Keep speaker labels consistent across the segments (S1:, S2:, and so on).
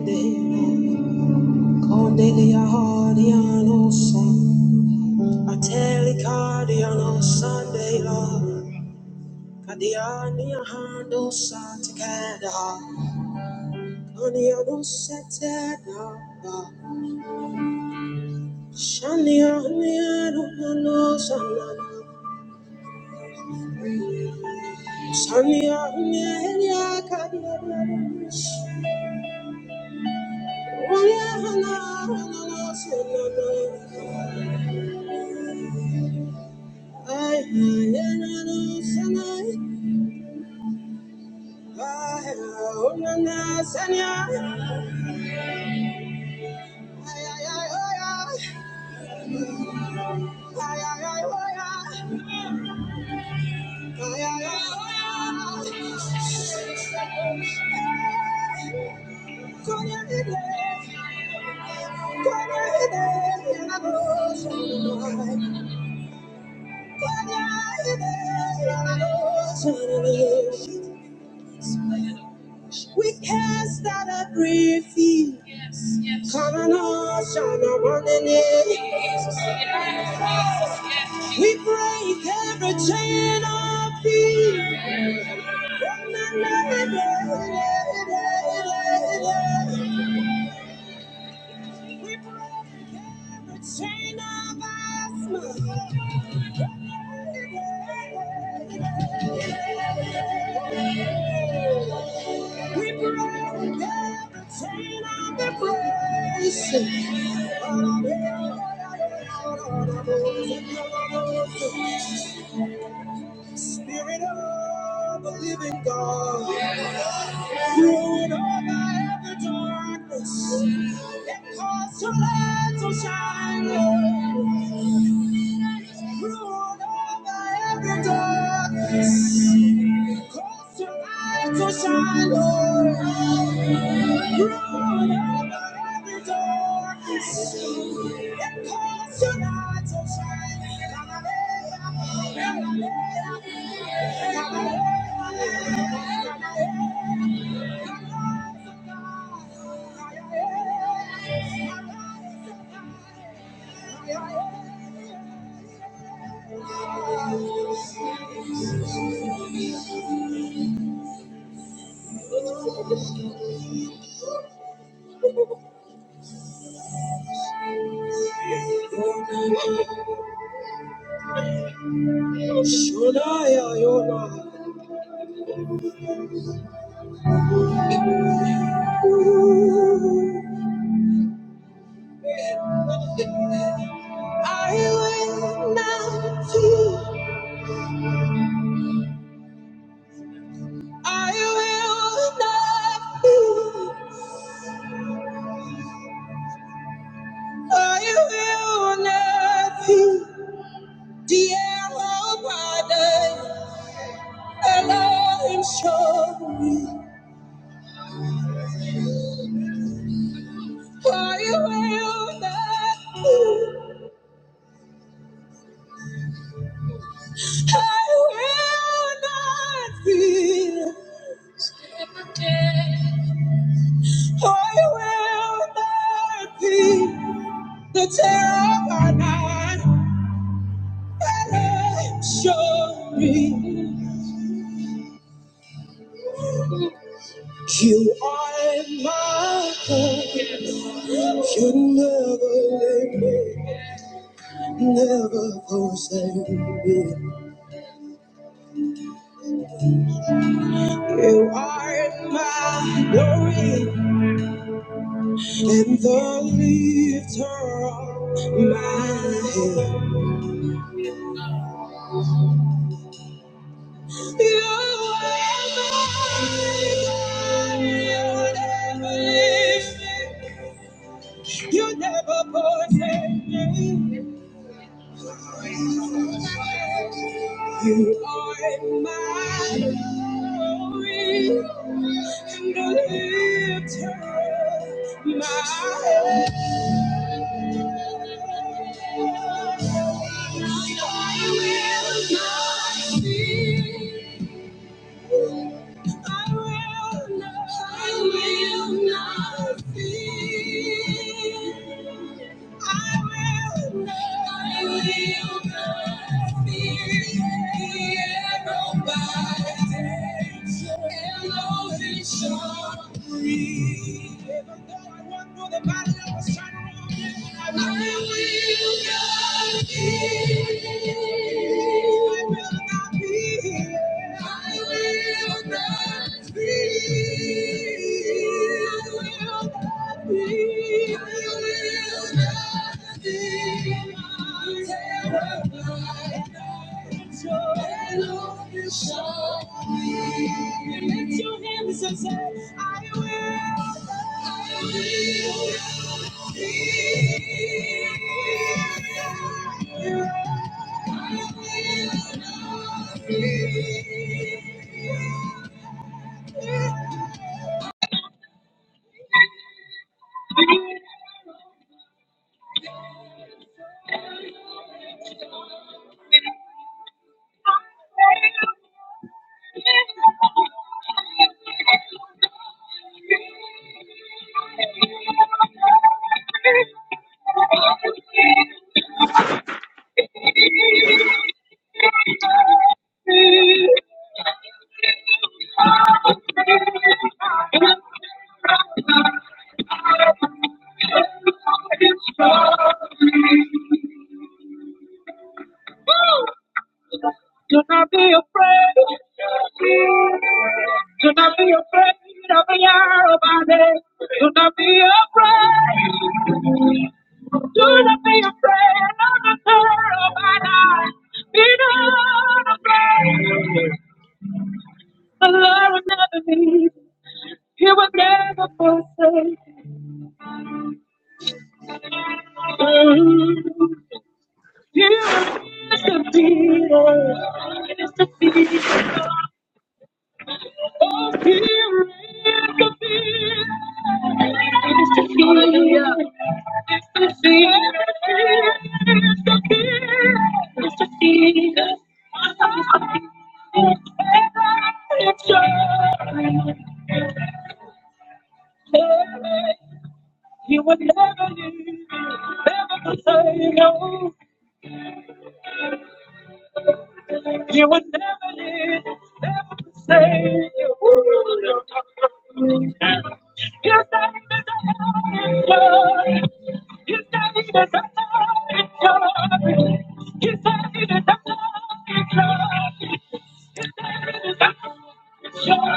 S1: Shania, Thank you. We cast out every fear. Yes, yes. Calling all shall not run in it. Jesus, yes, yes. We break every chain of fear. Yes. We break every chain of us. We break every chain of depression. Spirit of the living God. Through all I have darkness that caused your light to shine. Lord. Through all I have the darkness caused your light to shine. Lord. Through all I have darkness that caused your light to shine. Hallelujah. Hallelujah. Should I, I, oh, Lord. I will not fear. I will not fear. I will not fear. The arrow by day, Elohim show me. I will not fear. I will not fear. I will not fear. The terror by night, and show me you are my God. You never leave me, never forsake me. You are my glory and the lifter of my head. You are my God. You never leave me. You never forsake me. You are my glory and the lifter of my head. I will not fear. I will not, I will not fear. I will not be. Lift your hands and say, I will, I will be. your I will be. your Do not be afraid. Do not be afraid of the arrow by day. Do not be afraid. Do not be afraid of the terror by night. Be not afraid. The Lord will never leave. He will never forsake. you. Here is the deal. It is the deal. Oh, fear is the fear. It's the fear. It's the fear. It's the fear. It's the fear. It's the fear. It's your fear. You would never leave, never forsake. You would never leave, never forsake you. His name is a holy God. His name is a holy God. His name is a holy God.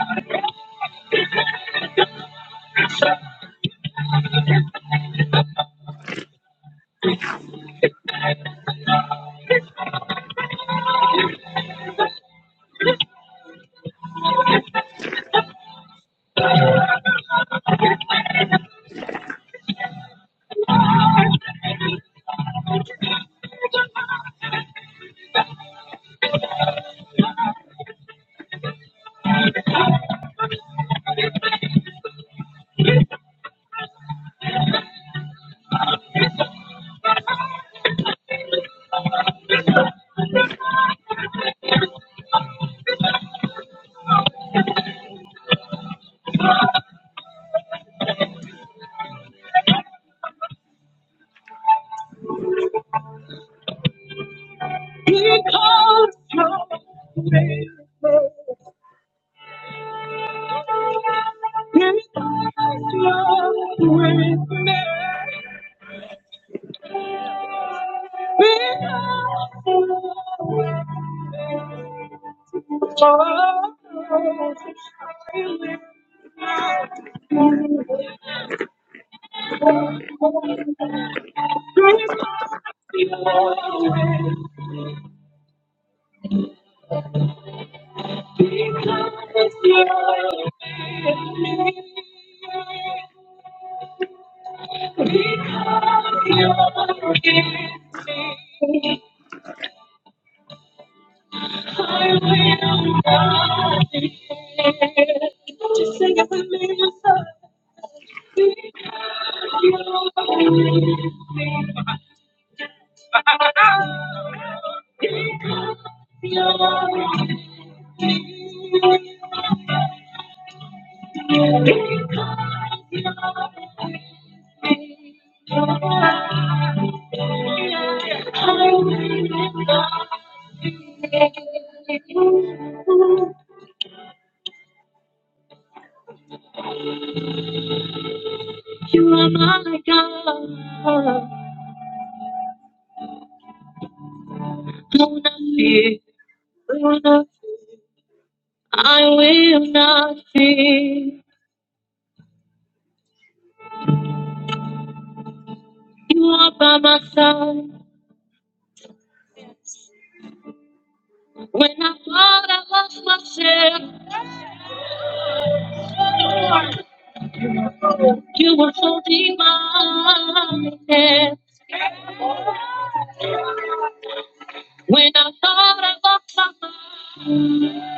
S1: He calls you. He calls you with me. Because you're I will not be moved. Just sing it with me, son. Because you're with me. Because you're with me. I will not be. shaken. You are my God. I will not fear. I will not fear. I will not fear. You are by my side. When I thought I lost myself, you were holding my hand. When I thought I lost my mind,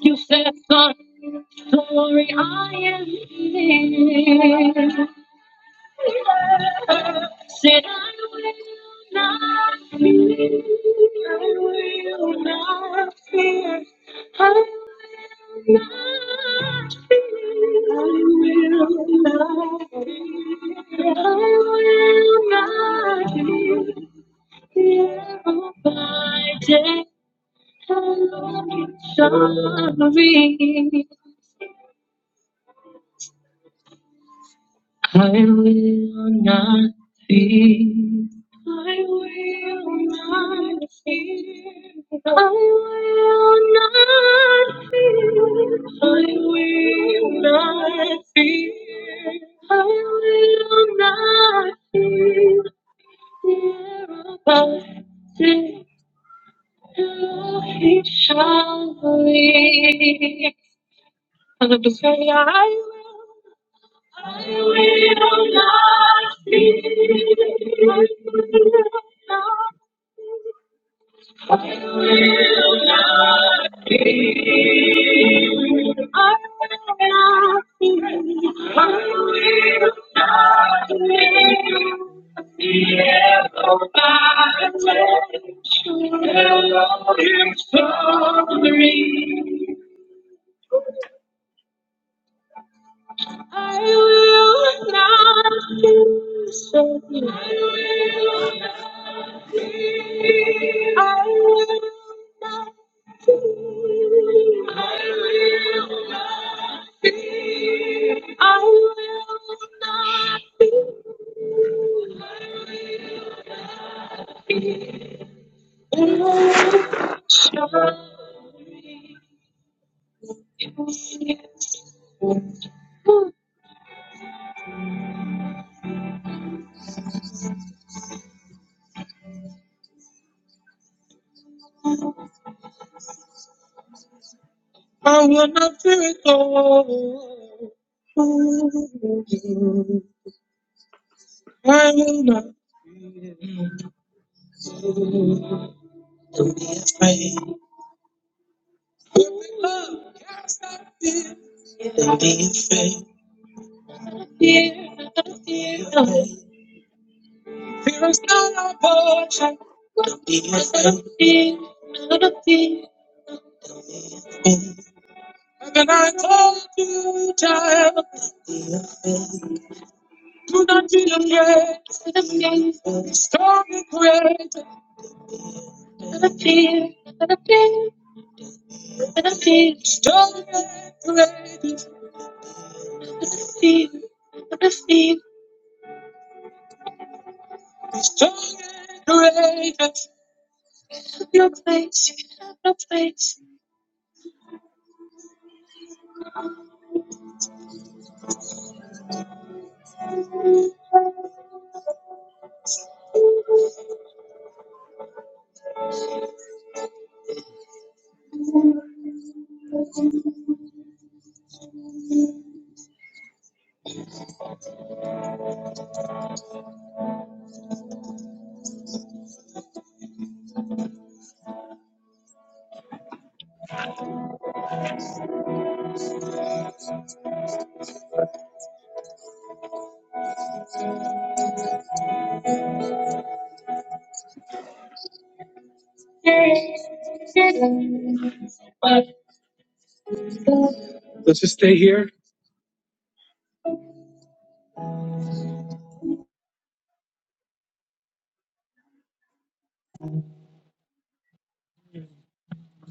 S1: you said, "Son, sorry, I am here." Said I will not fear. I will not fear. I will not fear. I will not fear. I will not fear. All I will be sorry. I will not fear. I will not fear. I will not fear. I will not fear. I will not fear. The arrow he shall lead. Hallelujah. I will I will not fear. I will not fear. I will not fear. I will not fear. I will trust in Elohim for me. I will not be shaken. I will not be. I will not be. I will not be I will not be. Oh, surely yes, yes. I will not be afraid. I will not Cast out fear. Don't Be afraid. Fear, fear. Fear is not a portion. Don't Be afraid. Fear, not fear. And I told you, do not be afraid. Not fear, not a fear, not fear, not a fear. Strong and courageous. Not fear, not a fear. Strong and courageous. No place, no place.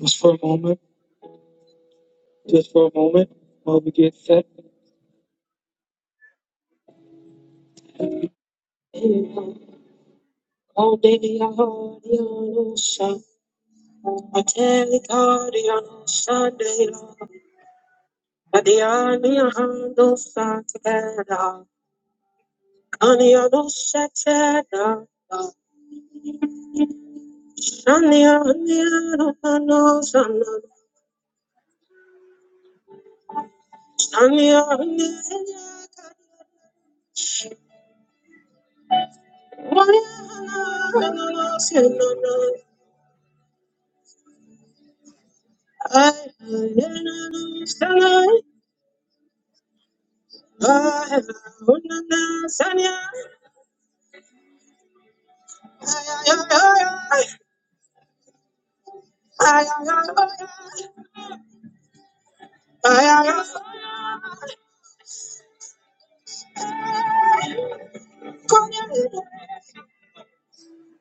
S1: Just for a moment. just for a moment while we get set. Aniano shetana, shania aniano ano shania aniano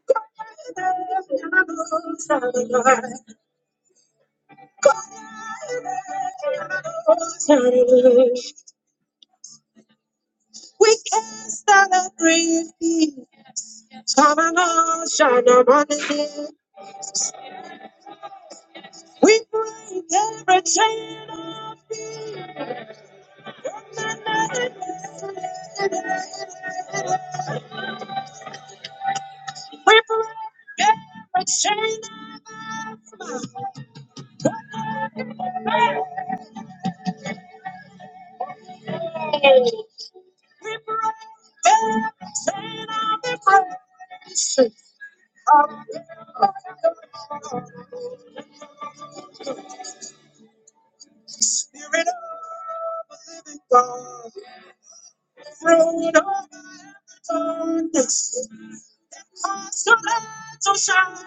S1: We can celebrate Shamanah, Shamanah, we break every chain of madness. We break every chain of madness. We break every chain of depression. Spirit of a living God, fruit of the darkness, cause your light to shine.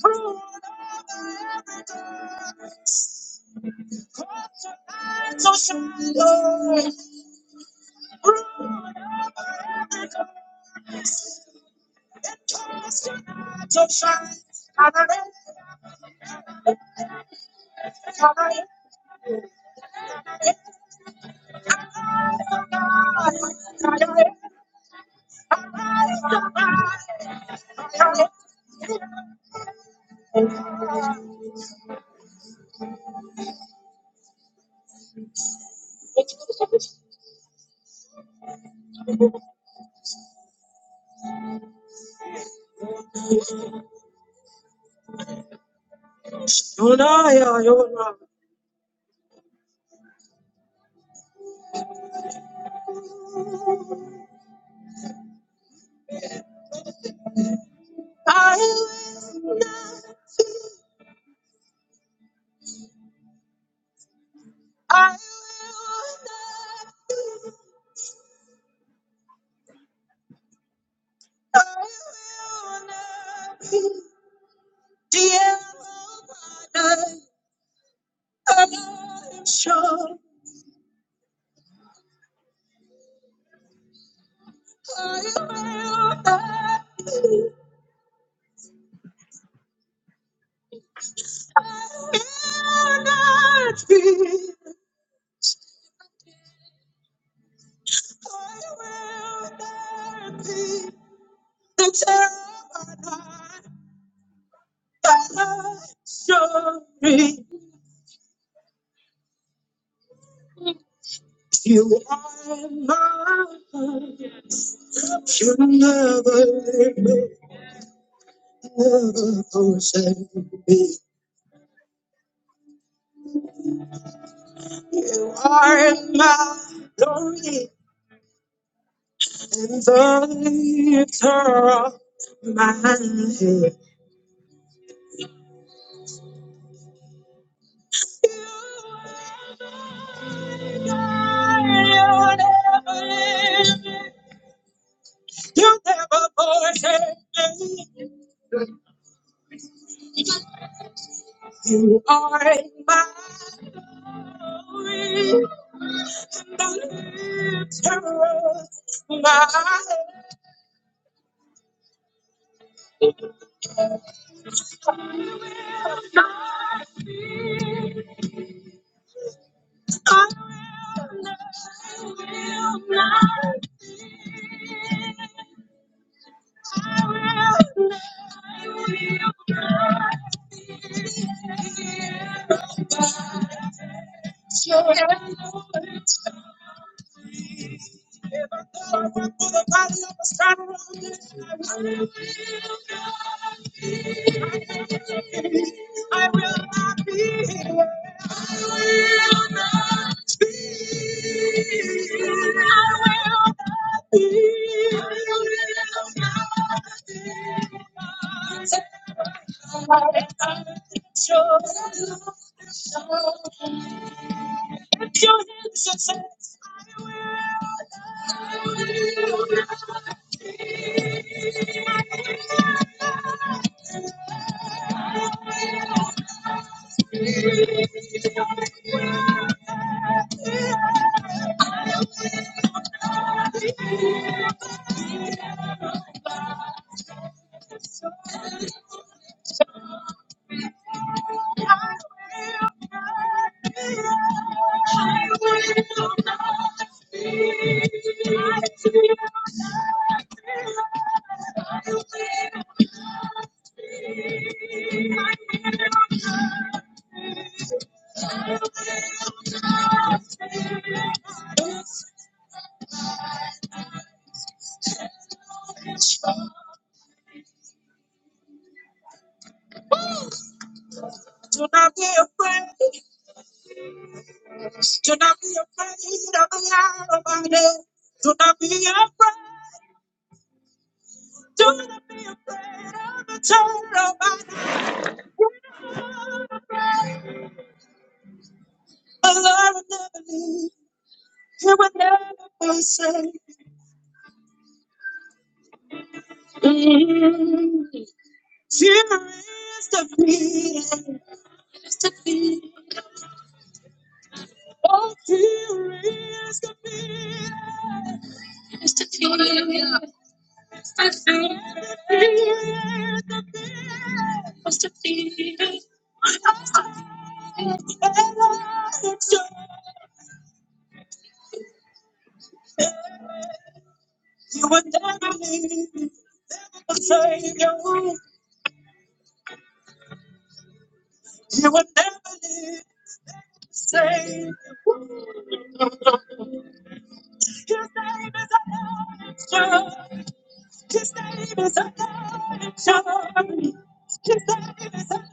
S1: Fruit of cause your light to shine, Lord. Fruit of cause your light to shine. Hallelujah, hallelujah, hallelujah. You Yona you know. I will not, I will not. You are mine. You'll never, never forsake me. are my glory and the lifter of my head. You never forsake me. You are my glory and the lifter of my head. I was your enemy. Even if I went through the valley of the shadow of the death, I will not be hidden. I Will not be hidden. I will not be hidden. I will not be hidden. Lift your hands and say, Do not be afraid. Do not be afraid of the arrow by day. Do not be afraid. Do not be afraid of the terror by night. The Lord will never leave. He will never forsake. Fear is defeated. Is defeated. Oh, fear is defeated. Is defeated. Is defeated. Fear is defeated. Is defeated. And I exalt You will never leave the Savior. You will never leave Savior. His name is a lion. His name is a lion. His name is a lion. His name is a lion.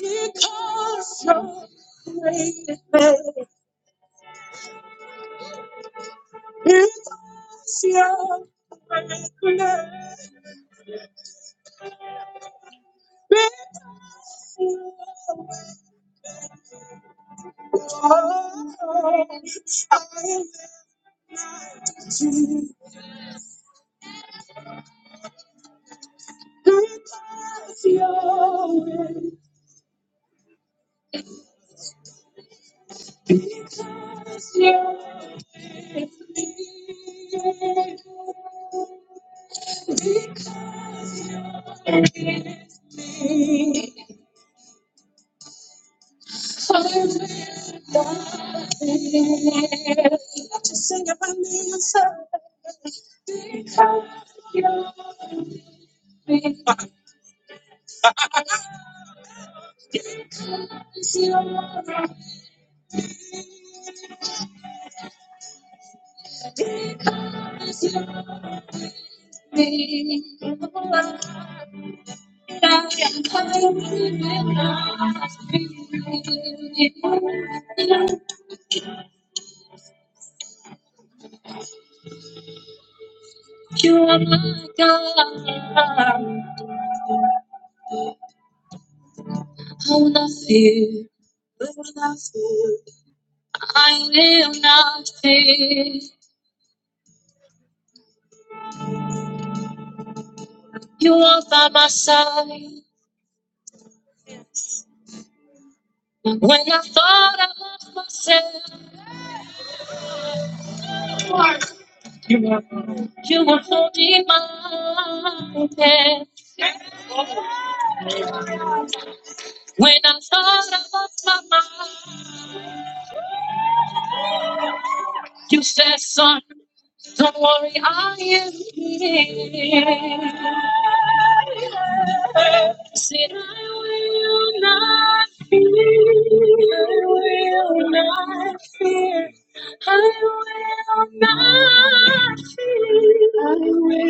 S1: Because you're great. Because you're great. Because you're great. I will not you. Because you're great. I will not What you Cause you're me. I'm sorry. Because you're me. I will not fear. I will not fear. You are by my side. When I thought I lost myself, You were holding my hand when I thought I lost my mind. You said, "Son, don't worry, I am here." Said, "I will not fear. I will not fear. I will not fear. I will not fear.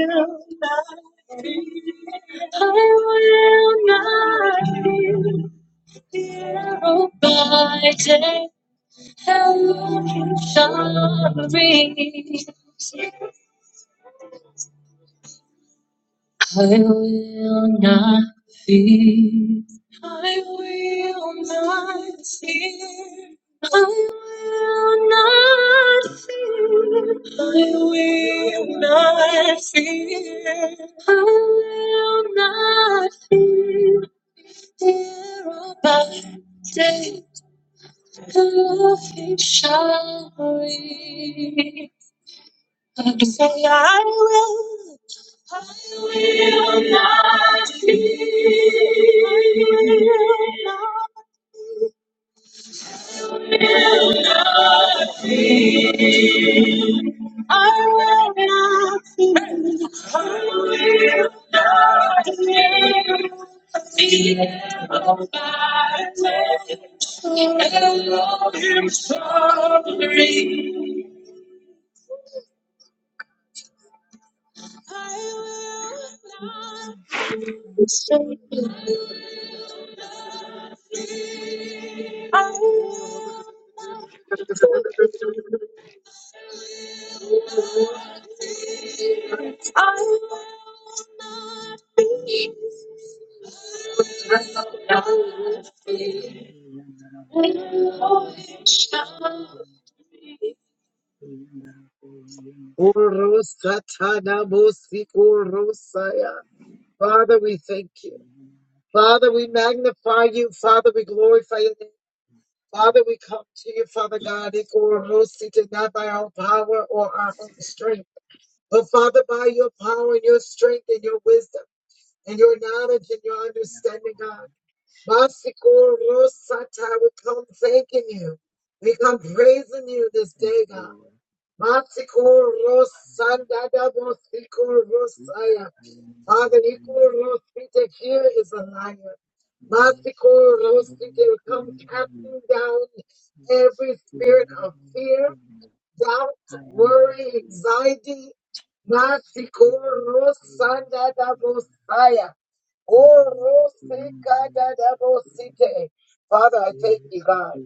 S1: I will not fear." day by day tell you sorry. I will not fear. I will not fear. I will not fear. I will not fear. I will not fear. Fear of thy day, the love he shall bring. Say I will, I will, I will shout. Urusatanamusikurusaya. Father, we thank you. Father, we magnify you. Father, we glorify your name. Father, we come to you, Father God, Ikurusita, not by our power or our own strength, but Father, by your power and your strength and your wisdom and your knowledge and your understanding, God. Basiko Rosata, we come thanking you. We come praising you this day, God. Basiko Rosanda da Bosiko Rosaya. Father, Iko Rosita here is a liar. Basiko Rosita, we come casting down every spirit of fear, doubt, worry, anxiety. Basiko Rosanda da Bosaya. Orosikadadabosite. Father, I thank you, God.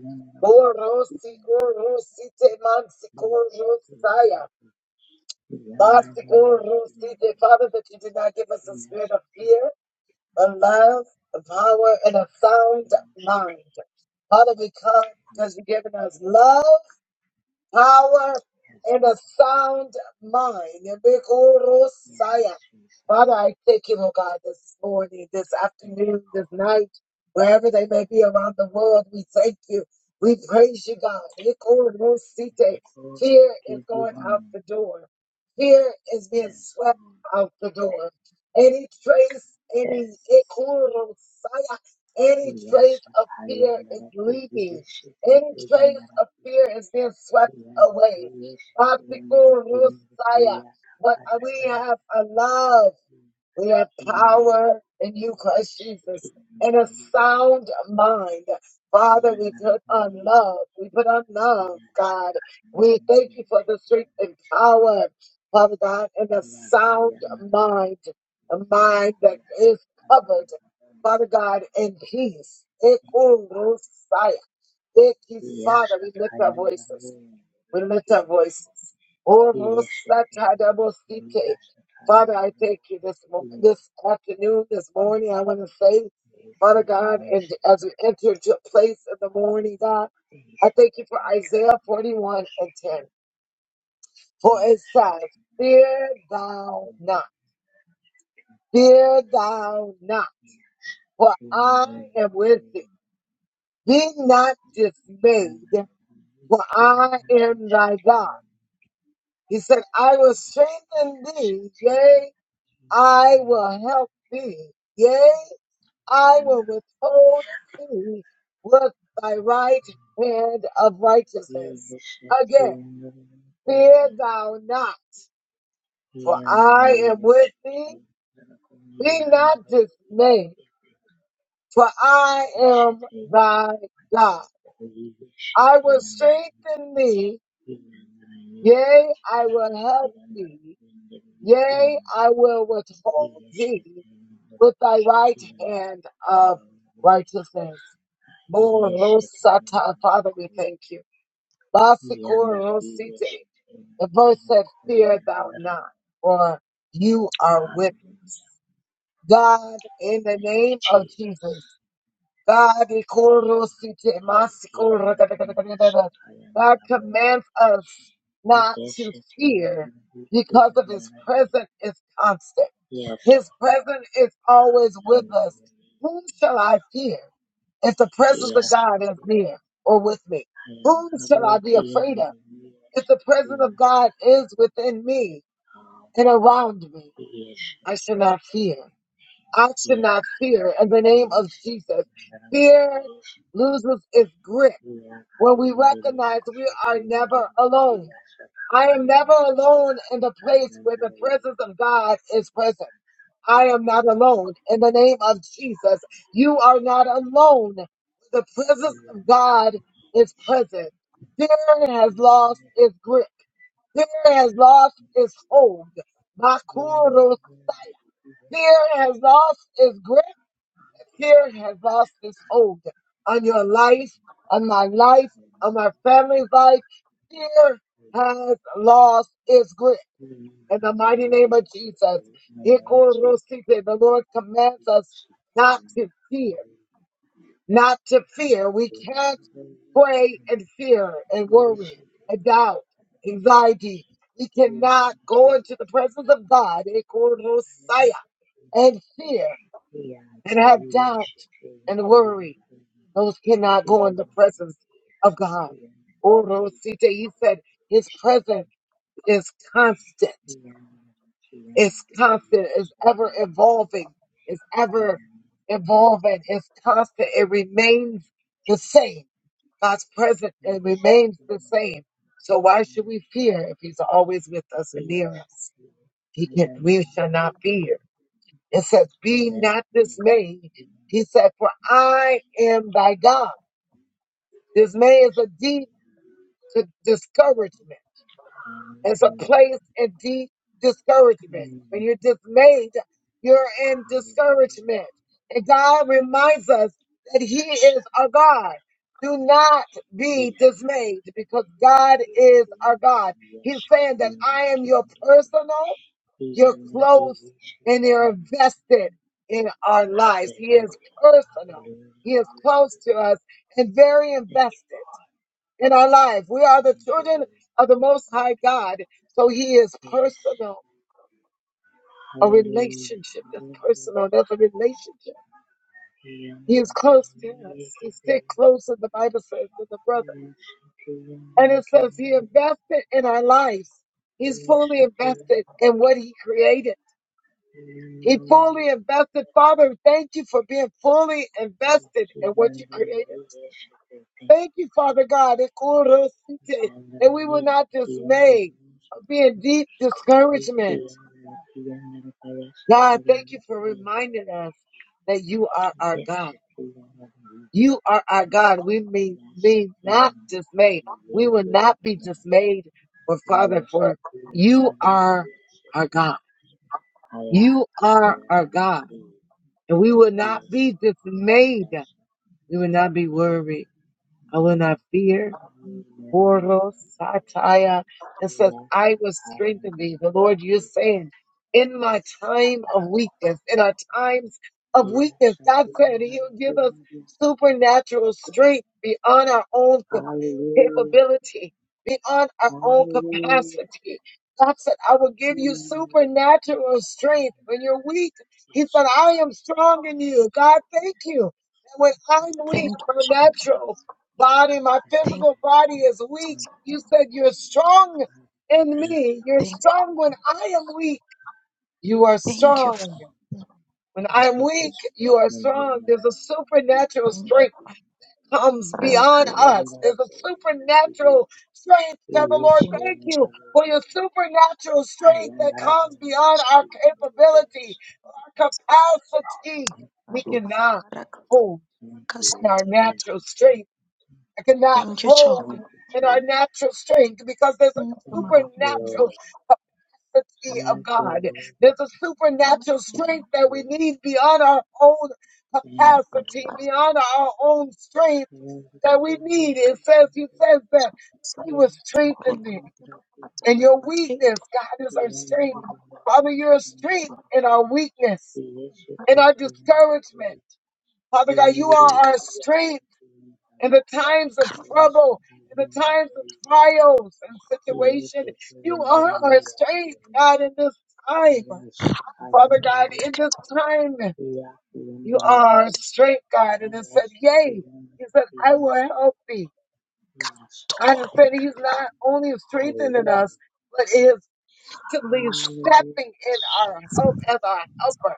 S1: Orosi, orosite, mansikorosaya. Masikorosite. Father, that you did not give us a spirit of fear, but love, of power, and a sound mind. Father, we come because you've given us love power and a sound mind. And big old Rosiah. Father, I thank you, oh God, this morning, this afternoon, this night, wherever they may be around the world. We thank you. We praise you, God. Big old Rosite. Fear is going out the door. Fear is being swept out the door. Any trace, any big old Rosiah, any trace of fear is leaving. Any trace of fear is being swept away. Messiah. But we have a love, we have power in you, Christ Jesus, and a sound mind. Father, we put on love. We put on love, God. We thank you for the strength and power, Father God, and a sound mind, a mind that is covered, Father God, in peace. Ekurusaya. Thank you, Father. We lift our voices. We lift our voices. Oh, Rosatadabosike. Father, I thank you this mo- this afternoon, this morning. I want to say, Father God, and as we enter into place in the morning, God, I thank you for Isaiah 41 and 10. For it says, Fear thou not, fear thou not, for I am with thee. Be not dismayed, for I am thy God. He said, I will strengthen thee. Yea, I will help thee. Yea, I will withhold thee with thy right hand of righteousness. Again, fear thou not, for I am with thee. Be not dismayed, for I am thy God. I will strengthen thee. Yea, I will help thee. Yea, I will withhold thee with thy right hand of righteousness. Morosata, Father, we thank you. Basikorosite. The verse said, Fear thou not, for you are with God in the name of Jesus. God, God commands us not to fear because of his presence is constant. His presence is always with us. Whom shall I fear if the presence of
S2: Jesus.
S1: God is near or with me? Whom shall I be afraid of if the presence of God is within me and around me? I shall not fear. I should not fear in the name of Jesus. Fear loses its grip when we recognize we are never alone. I am never alone in the place where the presence of God is present. I am not alone in the name of Jesus. You are not alone. The presence of God is present. Fear has lost its grip. Fear has lost its hold. Makuro, fear has lost its grip fear has lost its hold on your life, on my life, on my family's life. Fear has lost its grip. In the mighty name of Jesus, Ikorosite, the Lord commands us not to fear, not to fear. We can't pray and fear and worry and doubt, anxiety. We cannot go into the presence of God Ikorosaya, and fear and have doubt and worry those cannot go in the presence of God. Oh, Rosita, he said his presence is constant. It's constant. It's ever evolving. It's ever evolving. It's constant. It remains the same. God's presence, it remains the same. So why should we fear if he's always with us and near us? He can, we shall not fear. It says, be not dismayed. He said, for I am thy God. Dismay is a demon. to discouragement. It's a place in deep discouragement. When you're dismayed, you're in discouragement. And God reminds us that He is our God. Do not be dismayed because God is our God. He's saying that I am your personal, you're close, and you're invested in our lives. He is personal. He is close to us and very invested in our life. We are the children of the Most High God. So He is personal, a relationship that's personal. That's a relationship. He is close to us. He's stick closer, the Bible says, than the brother. And it says He invested in our lives. He's fully invested in what He created. He fully invested. Father, thank you for being fully invested in what you created. Thank you, Father God, that Kurosite, that we will not dismay or be in deep discouragement. God, thank you for reminding us that you are our God. You are our God. We may, may not dismay. We will not be dismayed, For Father, for you are our God. You are our God. And we will not be dismayed. We will not be worried. I will not fear. Boros Sataya and says, I will strengthen thee. The Lord, you're saying, in my time of weakness, in our times of weakness, God said He'll give us supernatural strength beyond our own cap- capability, beyond our own capacity. God said, I will give you supernatural strength when you're weak. He said, I am strong in you. God, thank you. And when I'm
S2: Thank
S1: weak,
S2: you,
S1: my natural body, my
S2: thank
S1: physical body is weak. You said you're strong in me. You're
S2: thank
S1: strong when I am weak. You are
S2: thank you for
S1: strong. When I am weak, you are strong. There's a supernatural
S2: being
S1: strength comes
S2: friend
S1: beyond
S2: Lord.
S1: us. There's a supernatural strength Father Lord
S2: Thank you,
S1: thank you for your supernatural strength that comes beyond our capability, our capacity. We
S2: Jehovah.
S1: cannot hold in our
S2: Barakatakasitikata.
S1: natural strength. I cannot
S2: Thank you, Jehovah.
S1: hold
S2: Thank
S1: in our natural strength because there's
S2: you,
S1: a
S2: my Lord.
S1: supernatural
S2: Thank
S1: capacity of God. There's a
S2: you,
S1: supernatural
S2: my Lord.
S1: strength that we need beyond our own capacity,
S2: Barakatakasa.
S1: beyond our own strength that we need. It says, He says that He will strengthen me. And your
S2: Kurubatakatakatakatakatakata.
S1: weakness, God, is our strength. Father, you're a strength in our weakness, in our discouragement. Father God, you are our strength in the times of trouble, in the times of trials and situation. You are our strength, God, in this time. Father God, in this
S2: Karubatakata.
S1: time, you are our strength, God. And it said, Yea. He said, I will help thee. God has said he's
S2: Tokorobakatakata.
S1: not only strengthening us, but he is actively stepping in our help as our helper.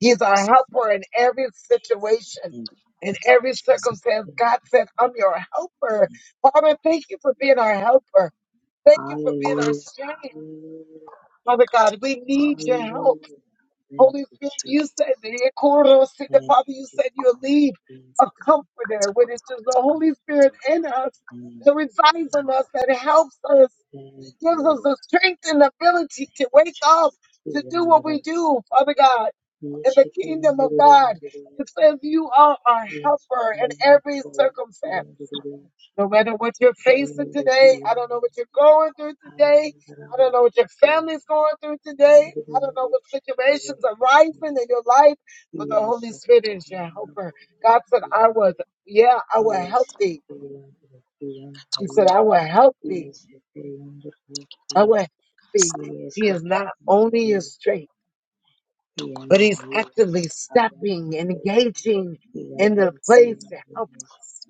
S1: He's our helper in every situation, in every circumstance. God said, I'm your helper. Father, thank you for being our helper. Thank you for being our strength. Father God, we need your help. Holy Spirit, you said, the Father, you said you'll leave a comforter, which is the Holy Spirit in us that resides in us, that helps us, gives us the strength and ability to wake up, to do what we do, Father God in the kingdom of God. It says you are our helper in every circumstance. No matter what you're facing today, I don't know what you're going through today. I don't know what your family's going through today. I don't know what situations are rising in your life, but the Holy Spirit is your helper. God said, I was, yeah, I will help thee. He said, I
S2: Tokotoko-
S1: will help thee. I will help thee. He is not only your strength. but he's actively stepping, engaging in the place to help us,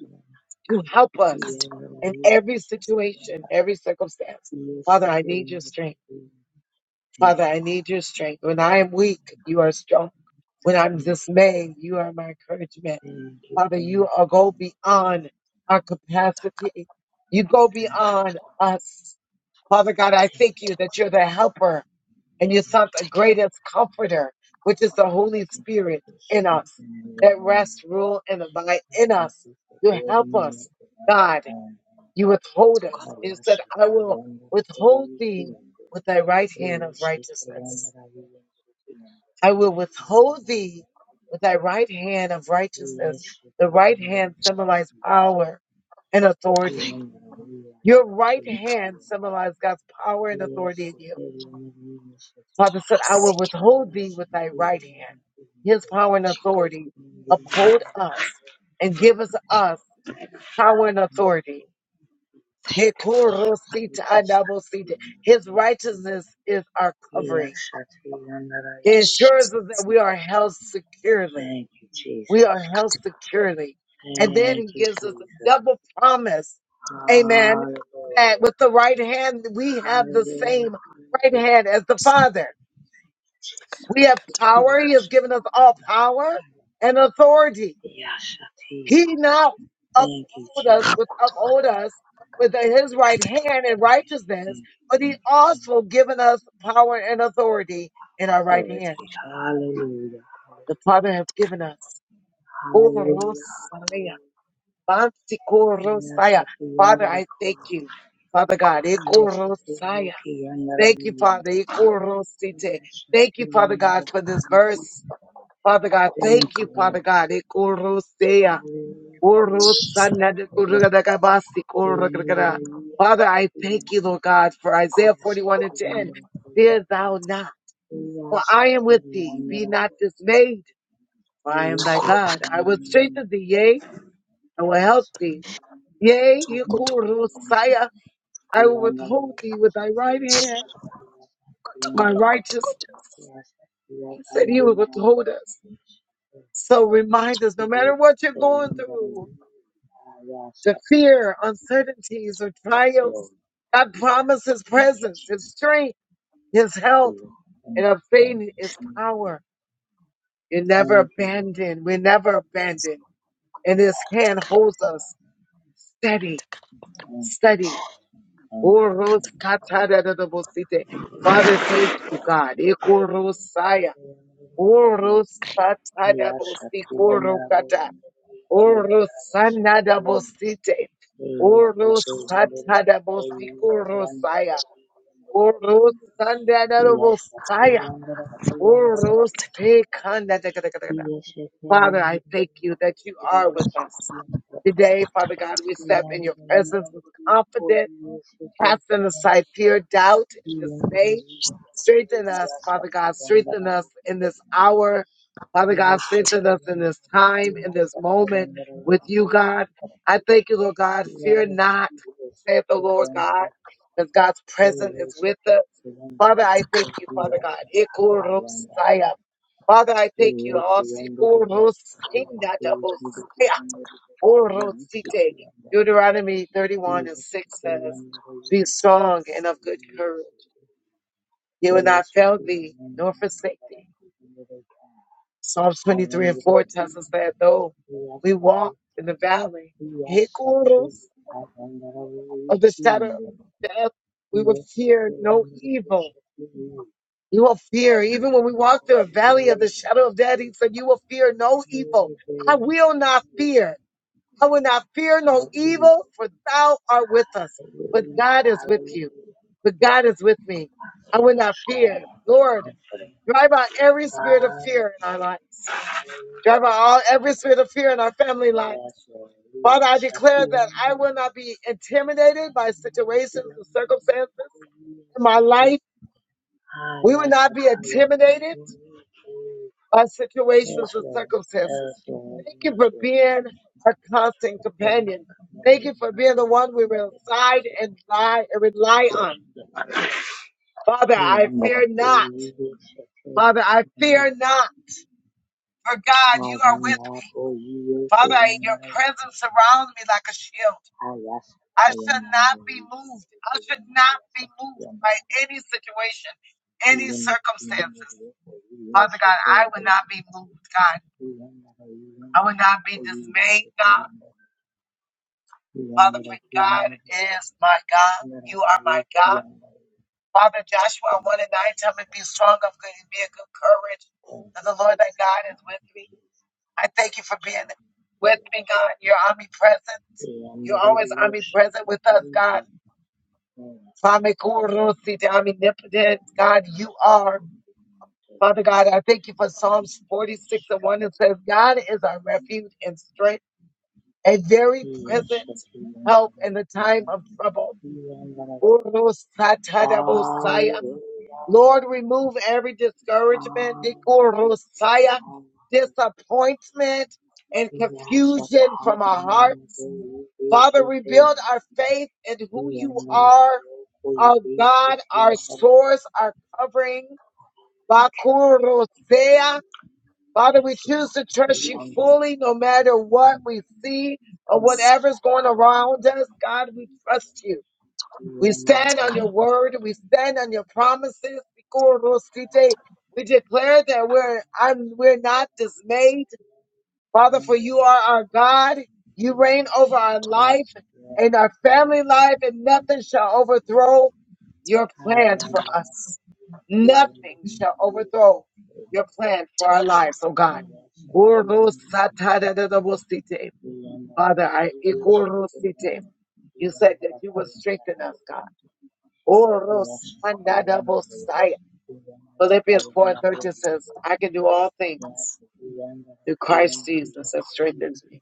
S1: to
S2: tokotorobakatakatakatakatakata.
S1: help us in every situation, every circumstance. Father, I need your strength. Father, I need your strength. When I am weak, you are strong. When I'm dismayed, you are my encouragement. Father, you are go beyond our capacity. You go beyond us. Father God, I thank you that you're the helper and you sought the greatest comforter, which is the Holy Spirit in us, that rests, rule, and abide in us. You help us, God. You withhold us. You said, I will withhold thee with thy right hand of righteousness. I will withhold thee with thy right hand of righteousness. The right hand symbolizes power and authority. Your right hand symbolizes God's power and authority in you. Father said, I will withhold thee with thy right hand. His power and authority uphold us and give us us power and authority.
S2: Thank you, for Lord. Thank you,
S1: His righteousness is our covering. It ensures us
S2: Father.
S1: that we are held securely. We are held securely. And then he gives us a double promise. Amen. That with the right hand, we have the same right hand as the Father. We have power. He has given us all power and authority. He now uphold us with uphold us with his right hand in righteousness, but he also given us power and authority in our right hand. The Father has given us. Oh, Rosaya, Bantiko Rosaya. Father, I thank you. Father God, Eko Rosaya. Thank you, Father. Eko Rosite. Thank you, Father God, for this verse. Father God, thank you, Father God. Ekorosea, orosana, dekorogadagabasi, korogadagada. Father, I thank you, Lord God, for Isaiah 41 and 10. Fear thou not, for I am with thee. Be not dismayed, for I am thy God. I will strengthen thee, yea, I will help thee. Yea, ekorosaya, I will withhold thee with thy right hand, my righteousness. He said he would withhold us. So remind us, no matter what you're going through, the fear, uncertainties, or trials. God promised His presence, His strength, His help, and of unfading His power. You're never abandoned. We're never abandoned. And His hand holds us steady, steady. Orosatadadadabosite. Father, thank you, God. Ikorosaya. Orosatadabosikorokata. Orosanadabosite. Orosatadabostikorosaya. Orosanadabosaya. Orosekandadakadakadakada. Father, I thank you that you are with us. Today, Father God, we step in your presence with confidence Casting aside fear, doubt, and dismay. Strengthen us, Father God. Strengthen us in this hour. Father God, strengthen us in this time, in this moment with you, God. I thank you, Lord God. Fear not, saith the Lord God, because God's presence is with us. Father, I thank you, Father God. Ikorosaya. Father, I thank you. Asikorosindadabosaya. Orosite. Deuteronomy 31 and 6 says, Be strong and of good courage. He will not fail thee nor forsake thee. Psalms 23 and 4 tells us that though we walk in the valley, Hikuros of the shadow of death, we will fear no evil. You will fear, even when we walk through a valley of the shadow of death, he said, You will fear no evil. I will not fear. I will not fear no evil, for thou art with us. But God is with you. But God is with me. I will not fear. Lord, drive out every spirit of fear in our lives. Drive out all every spirit of fear in our family lives. Father, I declare that I will not be intimidated by situations and circumstances in my life. We will not be intimidated. our situations and circumstances. Thank you for being our constant companion. Thank you for being the one we reside and lie and rely on. Father, I fear not. Father, I fear not. For God, you are with me. Father, I- your presence surrounds me like a shield. I shall not be moved. I should not be moved by any situation, any circumstances. Father God, I will not be moved, God. I will not be dismayed, God. Father, for God is my God. You are my God. Father, Joshua 1 and 9, tell me, be strong of good and be of good courage. For the Lord thy God is with me. I thank you for being with me, God. You're omnipresent. You're always omnipresent with us, God. Famikurusi, Omnipotent, God, you are. Father God, I thank you for Psalms 46 and 1. It says, God is our refuge and strength, a very present help in the time of trouble. Urusatadabosaya. Lord, remove every discouragement, dikurusaya, disappointment, and confusion from our hearts. Father, rebuild our faith in who you are, our God, our source, our covering. Bakurusea. Father, we choose to trust you fully no matter what we see or whatever's going around us. God, we trust you. We stand on your word. We stand on your promises. We declare that we're I'm, we're not dismayed, Father, for you are our God. You reign over our life and our family life, and nothing shall overthrow your plan for us. Nothing shall overthrow your plan for our lives, oh God. Father, I you said that you will strengthen us, God. Orosandadabosai. Philippians 4 and 13 says, I can do all things through Christ Jesus that strengthens me.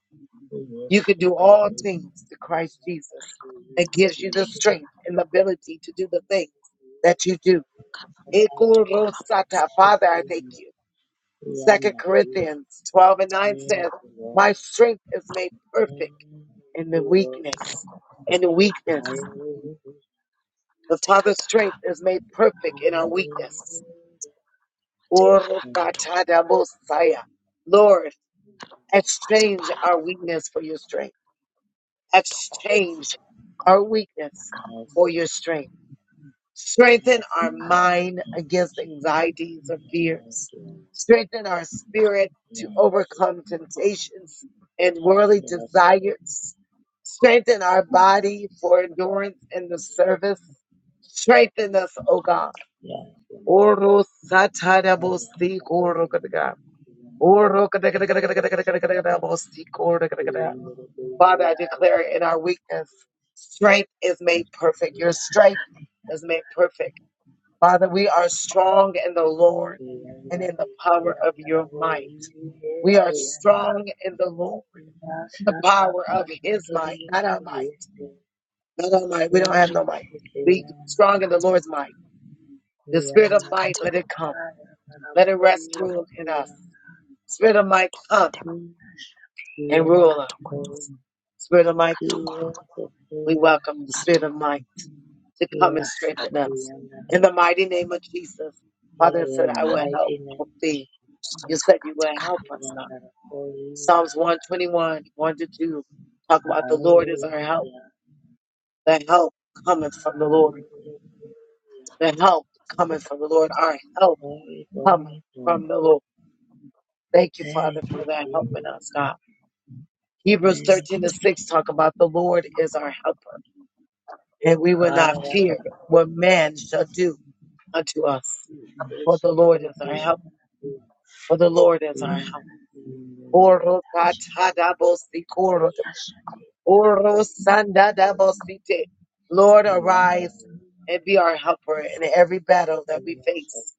S1: You can do all things through Christ Jesus that gives you the strength and the ability to do the things that you do. Ekorosata. Father, I thank you. Second Corinthians 12 and 9 says, My strength is made perfect in the weakness. In the weakness. The Father's strength is made perfect in our weakness. Orokatadabosaya. Lord, exchange our weakness for your strength.
S2: I'm
S1: Exchange our weakness for your strength. Strengthen our mind against anxieties or fears. Strengthen our spirit to overcome temptations and worldly desires. Strengthen our body for endurance in the service. Strengthen us, O God. Orosatadabosikorokataka. Father, I declare in our weakness, strength is made perfect. Your strength is made perfect. Father, we are strong in the Lord and in the power of your might. We are strong in the Lord, in the power of his might, not our might. Not our might. We don't
S2: a man.
S1: have no might. We strong in the Lord's might. The spirit of might, let it come. Let it rest rule in us. Spirit of might, come and rule us. Spirit of might, come. We welcome the Spirit of might to come and strengthen us. In the mighty name of Jesus, Father you said, I will help, help thee. You said you will help us, God. Psalms 121, 1 to 2, talk about the Lord is our help. The help cometh from the Lord. The help cometh from the Lord. Our help cometh from the Lord. Thank you, Father, for that helping us, God. Hebrews 13 and 6 talk about the Lord is our helper, and we will not fear what man shall do unto us. for the Lord is our help, for the Lord is our help. Oro katadabosite, koro- oro sandadabosite. Lord, arise and be our helper in every battle that we face.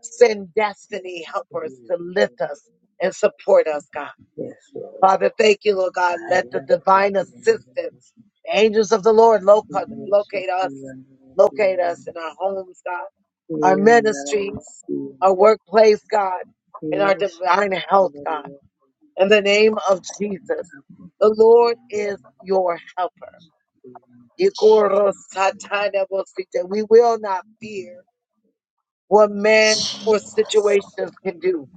S1: Send destiny helpers to lift us and support us, God. Father, thank you, Lord God. Let the divine assistance, the angels of the Lord, loca- locate us, locate us in our homes, God our ministries, our workplace, God, and our divine health, God. In the name of Jesus, the Lord is your helper. Ikorosatatabosite. We will not fear what man or situations can do.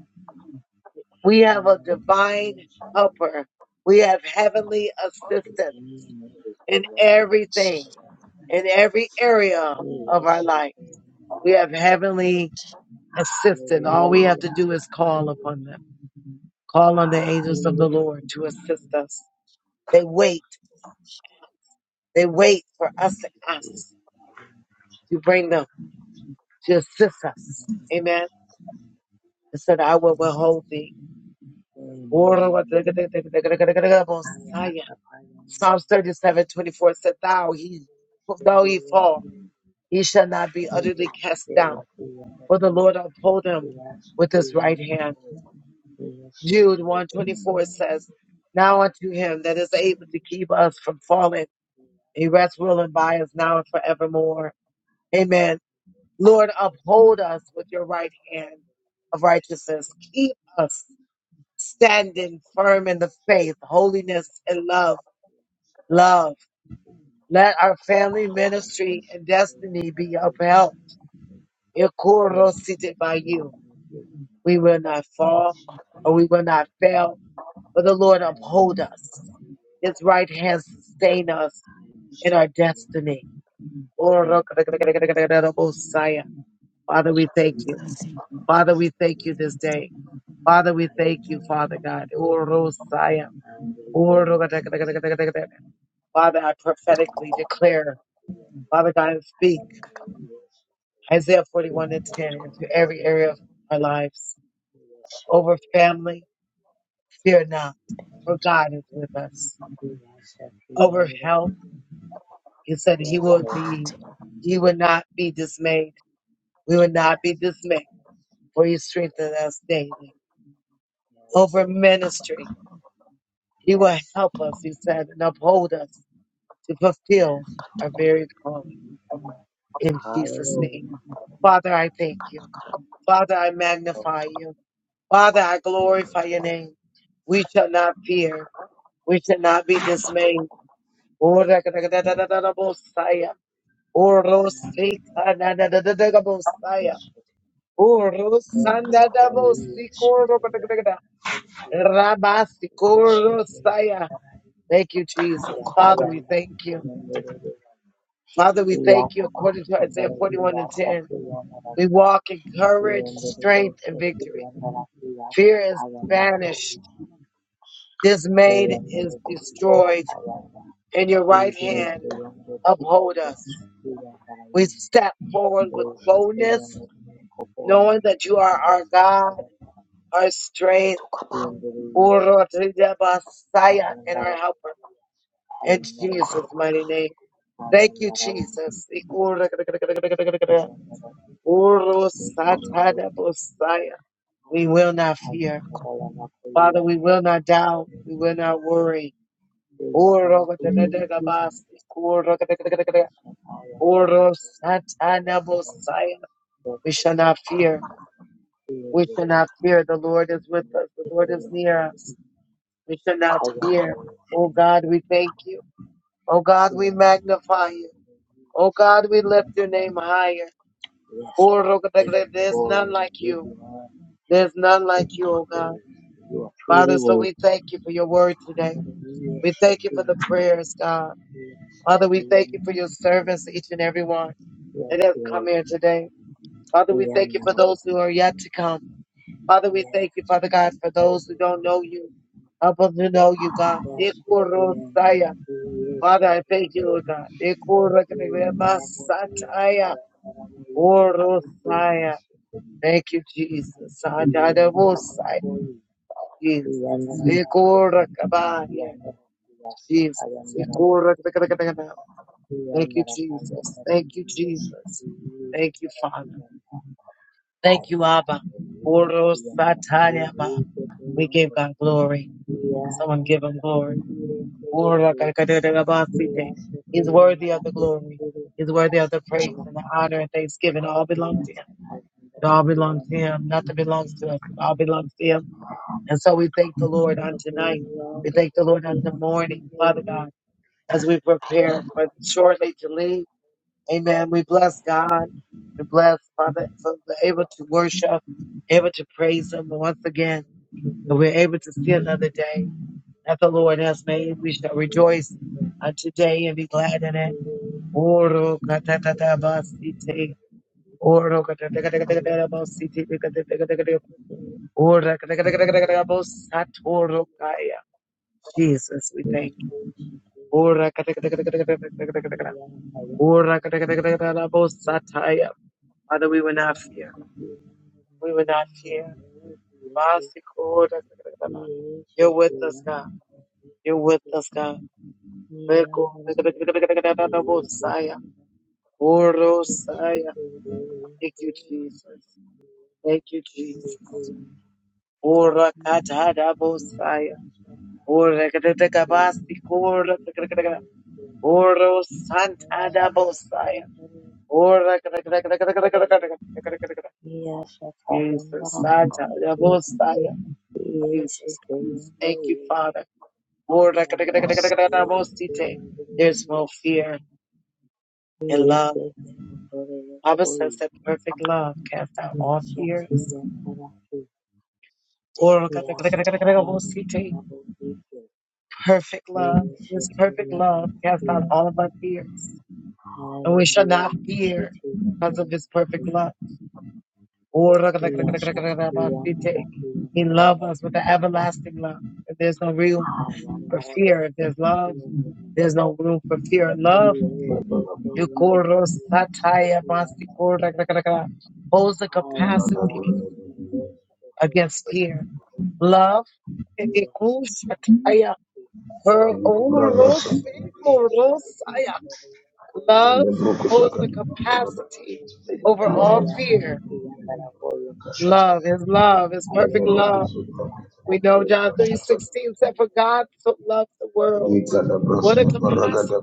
S1: We have a divine helper. We have heavenly assistance in everything, in every area of our life. We have heavenly assistance. All we have to do is call upon them. Call on the angels of the Lord to assist us. They wait. They wait for us to ask to bring them to assist us. Amen. It said, I will withhold thee. Messiah. Psalms 37, twenty-four said, Thou he, though he fall, he shall not be utterly cast down, for the Lord uphold him with his right hand. Jude 124 says, Now unto him that is able to keep us from falling He rests, ruling by us now and forevermore. Amen. Lord, uphold us with your right hand of righteousness. Keep us standing firm in the faith, holiness, and love. Love. Let our family ministry and destiny be upheld. Ikorosite by you. We will not fall or we will not fail, but the Lord uphold us. His right hand sustain us in our destiny. Orokadakadakadakadakadakadabosaya. Father, we thank you. Father, we thank you this day. Father, we thank you, Father God. Orosaya. Orogadagadagadagadagadagada. Father, I prophetically declare, Father God, and speak Isaiah 41 and 10 into every area of our lives. Over family, fear not, for God is with us. Over health, He said He will be, He will not be dismayed. We will not be dismayed, for He strengthened us daily. Over ministry, He will help us, he said, and uphold us to fulfill our varied calling in Jesus' name. Father, I thank you. Father, I magnify you. Father, I glorify your name. We shall not fear. We shall not be dismayed. Orakadakadadadadabosaya. Orosikadadadadadabosaya. Orosandadabosikoropadakadakada. Rabasikoroosaya. Thank you, Jesus. Father, we thank you. Father, we thank you according to Isaiah 41 and 10. We walk in courage, strength, and victory. Fear is banished, dismayed is destroyed, and your right hand uphold us. We step forward with boldness, knowing that you are our God, our strength, Urotriyabasaya, and our helper. In Jesus' mighty name. Thank you, Jesus. Urosatadabosaya. We will not fear. Father, we will not doubt. We will not worry. We shall not fear. We shall not fear. The Lord is with us. The Lord is near us. We shall not fear. Oh God, we thank you. Oh God, we magnify you. Oh God, we lift your name higher. There's none like you. There's none like you, oh God. Father, so we thank you for your word today. We thank you for the prayers, God. Father, we thank you for your servants, each and every one that has come here today. Father, we thank you for those who are yet to come. Father, we thank you, Father God, for those who don't know you. Help them to know you, God. Ikorosaya. Father, I thank you, Lord God. Ikorakatayabasataya. Orosaya. Thank you, Jesus. Adadabosaya. Jesus. Ikorakabaya. Jesus. Ikorakatakatakata. Thank you, Jesus. Thank you, Jesus. Thank you, Father. Thank you, Abba. Oro sataya ba. We give God glory. Someone give him glory. Oro kakadere basite. He's worthy of the glory. He's worthy of the praise and the honor and thanksgiving. all belongs to him. It all belongs to him. Nothing belongs to us. It all belongs to him. And so we thank the Lord on tonight. We thank the Lord on the morning, Father God, as we prepare for shortly to leave. Amen. We bless God. We bless Father for we're able to worship, able to praise Him once again, and we're able to see another day that the Lord has made. We shall rejoice uh, today and be glad in it. Oro katatatabasite, oro katatatatatatabasite, katatatatatatab- ora katatatatatatabosatoro kaya. Jesus, we thank you. Ora katatatatatatabosataya. Father, we will not fear. We will not fear. Vasi You're with us, God. You're with us, God. Reko. Bosaya. Orosaya. Thank you, Jesus. Thank you, Jesus. Ora katada bosaya. Ora kadaka basi kora. Oro santada bosaya. Ora Jesus. Satada bosaya. Jesus. Christ. Thank you, Father. There's no fear in love. Bible says that perfect love casts out all fears. Perfect love. His perfect love casts out all of our fears. And we shall not fear because of his perfect love. He loves us with an everlasting love. If there's no room for fear, if there's love, there's no room for fear. Love Yukorosataya masikora kakakaka. Holds the capacity against fear. Love. ikushataya, her- urosimorosaya. Love holds the capacity over all fear. Love is love, is perfect love. We know John 3 16 said, For God so loved the world. What a capacity.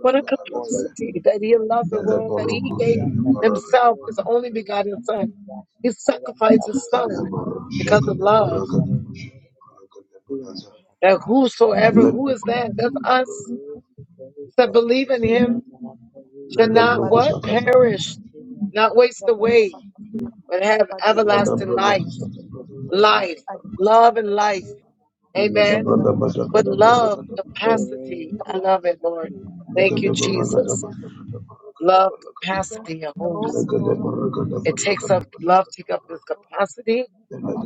S1: What a capacity that he loved the world, that he gave himself, his only begotten son. He sacrificed his son because of love. That whosoever, who is that? That's us that believe in him should not what? Perish, not waste away, but have everlasting life, life, love and life. Amen. But love, capacity. I love it, Lord. Thank you, Jesus. Love, capacity, a host. It takes up love, take up this capacity.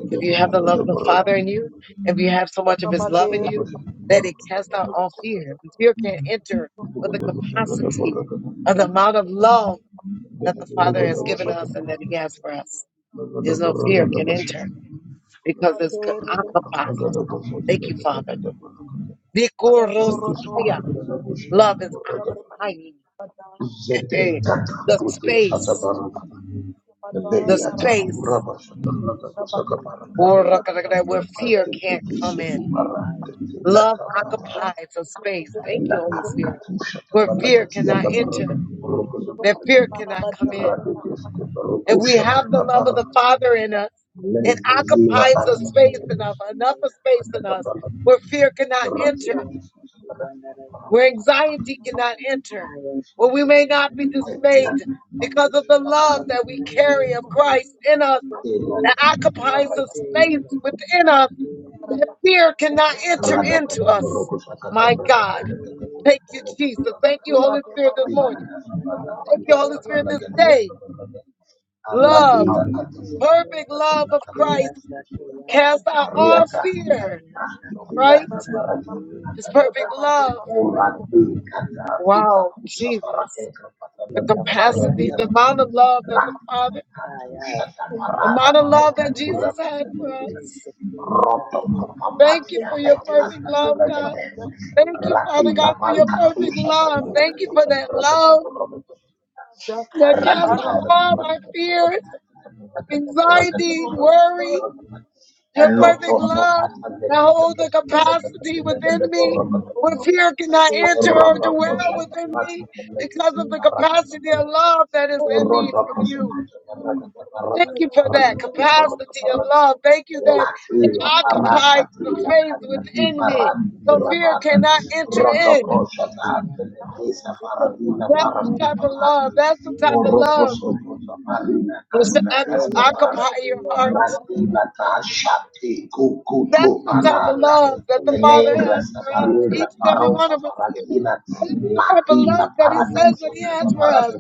S1: If you have the love of the Father in you, if you have so much of His love in you, that it casts out all fear. The Fear can't enter, but the capacity of the amount of love that the Father has
S2: Rabade,
S1: given us and that He has for us, there's no fear can enter because it's co- occupied. Thank you, Father. Vikorosaya. Love is occupying eh, the space, the space, or uh, where fear can't come in. Love occupies a space. Thank you, Holy Spirit, where fear cannot enter, that fear cannot come in. If we have the love of the Father in us, it occupies a space enough, enough of space in us where fear cannot enter, where anxiety cannot enter, where we may not be dismayed because of the love that we carry of Christ in us that occupies a space within us that fear cannot enter into us. My God. Thank you, Jesus. Thank you, Holy Spirit, this morning. Thank you, Holy Spirit, this
S2: Thank
S1: day. Love, perfect love of Christ cast out all fear, right? His perfect love. Wow, Jesus. The capacity, the amount of love that the Father, the amount of love that Jesus had for us. Thank you for your perfect love, God. Thank you, Father God, for your perfect love. Thank you for that love that casts out all my fears, anxiety, worry, Your perfect love that holds the capacity within me where fear cannot enter or dwell within me because of the capacity of love that is in me from you. Thank you for
S2: you.
S1: that capacity of love. Thank you that it occupies the space within me so fear cannot enter in. That's the type of love. That's the type of love that should occu- occupy your heart. That's the type of love that the Father has for us, each and every one of us. type of love that he says that he has for us.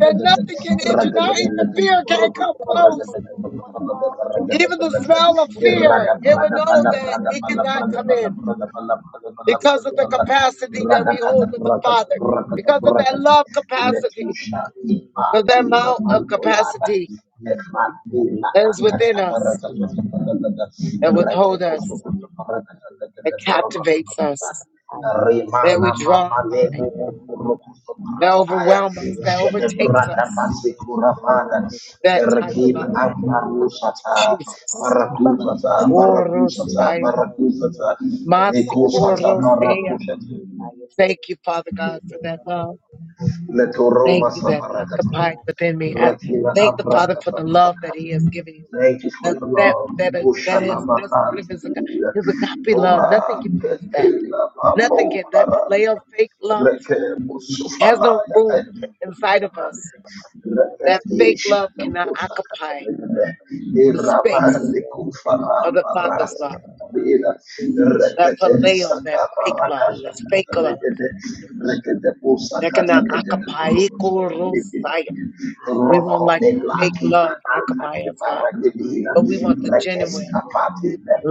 S1: That nothing can enter, not even fear can come close. Even the smell of fear, it will know that it cannot come in because of the capacity that we hold with the Father, because of that love capacity, of that amount of capacity that is within us, that withhold us, that captivates us, that we draw in by, that overwhelms us, that overtakes us. That type of love, Jesus. Masikorosea. Thank you, Father God, for that love. Thank you that occupied within me. I thank the Father for the love that He has given you. That that that is that is that's part of His aga- His agape love. Nothing get past that. Nothing get that phileo fake love has no room inside of us. That fake love cannot occupy the space of the Father's love. That phileo, that fake love, that's fake love that cannot occupy. We won't like the fake love occupy us, God, but we want the genuine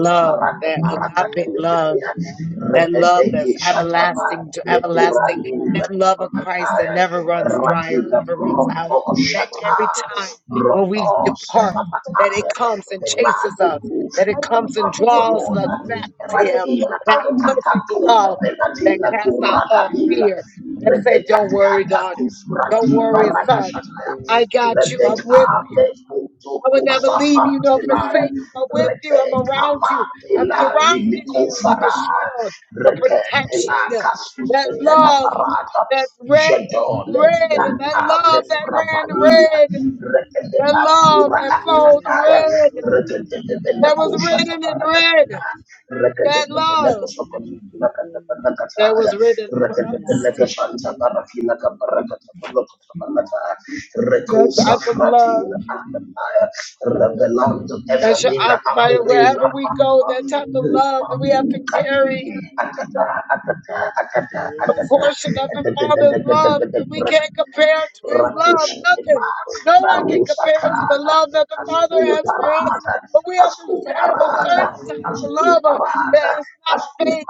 S1: love, that agape love that love that's everlasting to everlasting, that love of Christ that never runs dry or never runs out, that every time when we depart, that it comes and chases us, that it comes and draws us back to Him, that perfect love that casts out all fear, that say, don't worry, daughter, don't worry, son, I got you, I'm with you. I will never leave you nor forsake you. I'm with you. I'm around you. I'm surrounding you like a shield, a protection. That love, that red, red, that love that ran red, that love that flowed red, that was written in red, that love that was written for us. That type of love that should occupy wherever we go, that type of love that we have to carry portion of the Father's love because we can't compare to His love. Nothing. No one can compare to the love that the Father has for us. But we have to have a certain type of love uh, that is not fake,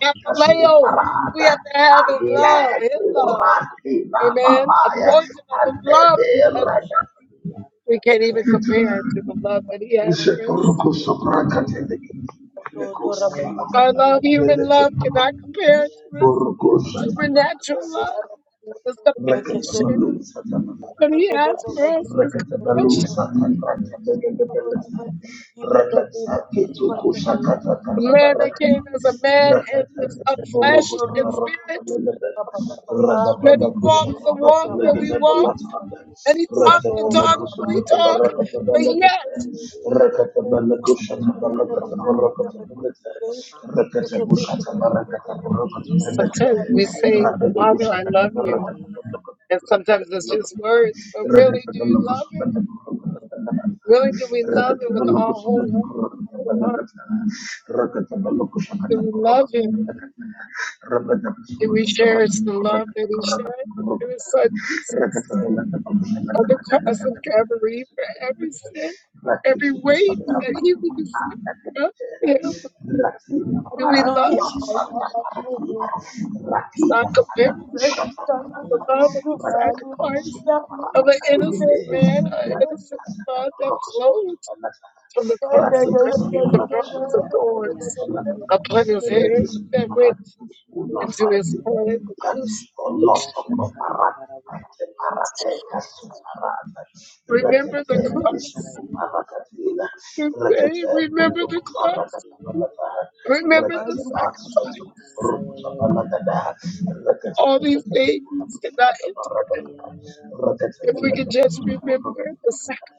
S1: not phileo. We have to have His love, His love. Amen. A portion of His love uh, we
S2: Thank
S1: can't even compare to the love that He had for us. Our love, human love, cannot compare to His supernatural love. It's the passion. And he asked for us his compassion. The man that came as a man and of flesh and spirit, that he walked the walk that we walk, and he talked the talk that we
S2: you.
S1: talk. But yet, sometimes we say, Father, I love you. And sometimes it's just words, but really, do you love him? Really, do we love him with our whole heart? Whole heart? Do we love him? Do we cherish the love that he shared? It was son Jesus. on the cross of Calvary for every sin, every weight that he was of him. Do we love is not comparable to the love of the sacrifice of an innocent man, an innocent blood that flowed from the cross of Calvary, the crowns of thorns upon his head that went into his head, the crucifix. Remember the cross today. Remember the cross. Remember the sacrifice. All these things cannot end if we can just remember the sacrifice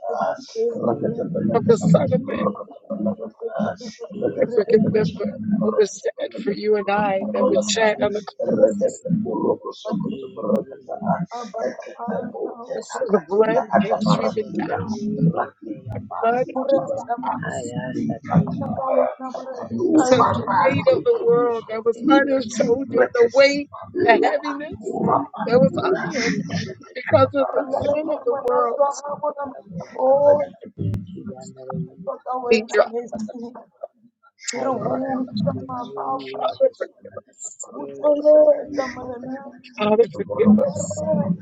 S1: of the Son of Man, if we can remember what was said for you and I that was said on the cross. So the blood came streaming down the blood of Jesus Christ. Says the weight of the world that was on his shoulder, the weight, the heaviness that was on him because of the sin of the world.
S2: Oh, Toka
S1: Thank
S2: wena
S1: you,
S2: mesi, iruhusa
S1: Father,
S2: mababu.
S1: forgive us.
S2: We chose the same arena,
S1: Father, forgive us.
S2: apparel,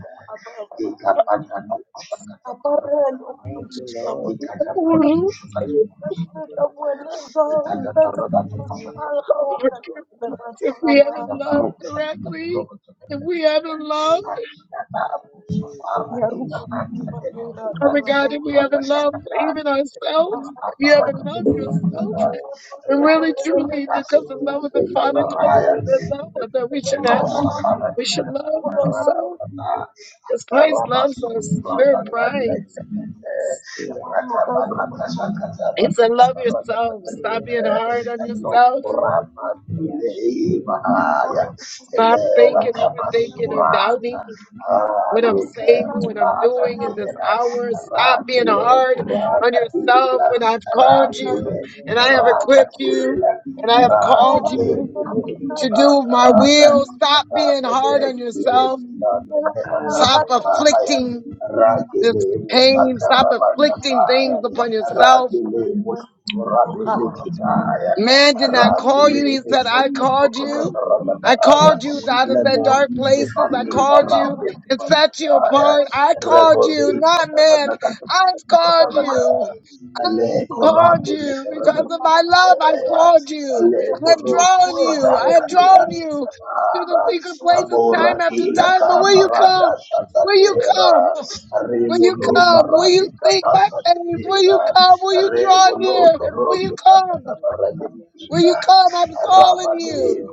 S2: apparel, and shoes. We chose the
S1: Lord,
S2: same brand, the same brand. We chose the same brand,
S1: Forgive
S2: the
S1: us.
S2: same brand.
S1: if we haven't loved correctly, if we haven't loved,
S2: We chose the
S1: Father God, if we haven't loved even ourselves, if you haven't loved yourself, and really truly, because the love of the Father comes with the love that we should have, we should love
S2: same
S1: ourselves.
S2: brand,
S1: Because Christ loves us, we're prize. He said, Love yourself. Stop being hard on yourself. Stop thinking, overthinking, or doubting. what I'm saying, what I'm doing in this hour. Stop being hard on yourself when I've called you and I have equipped you and I have called you to do
S2: the
S1: my
S2: same brand.
S1: will. Stop being hard on yourself.
S2: Hello,
S1: Stop afflicting this pain. Stop afflicting things upon yourself Man did not call you. He said, I called you. I called you out of that dark places. I called you and set you apart. I called you, not man. I've called you. I have called you because of my love. I called you. I have drawn you. I have drawn you to the secret places time after time. But will you come? Will you come? Will you come? Will you seek my face? Will you come? Will you draw near? Will you come? Will you come? I'm calling you.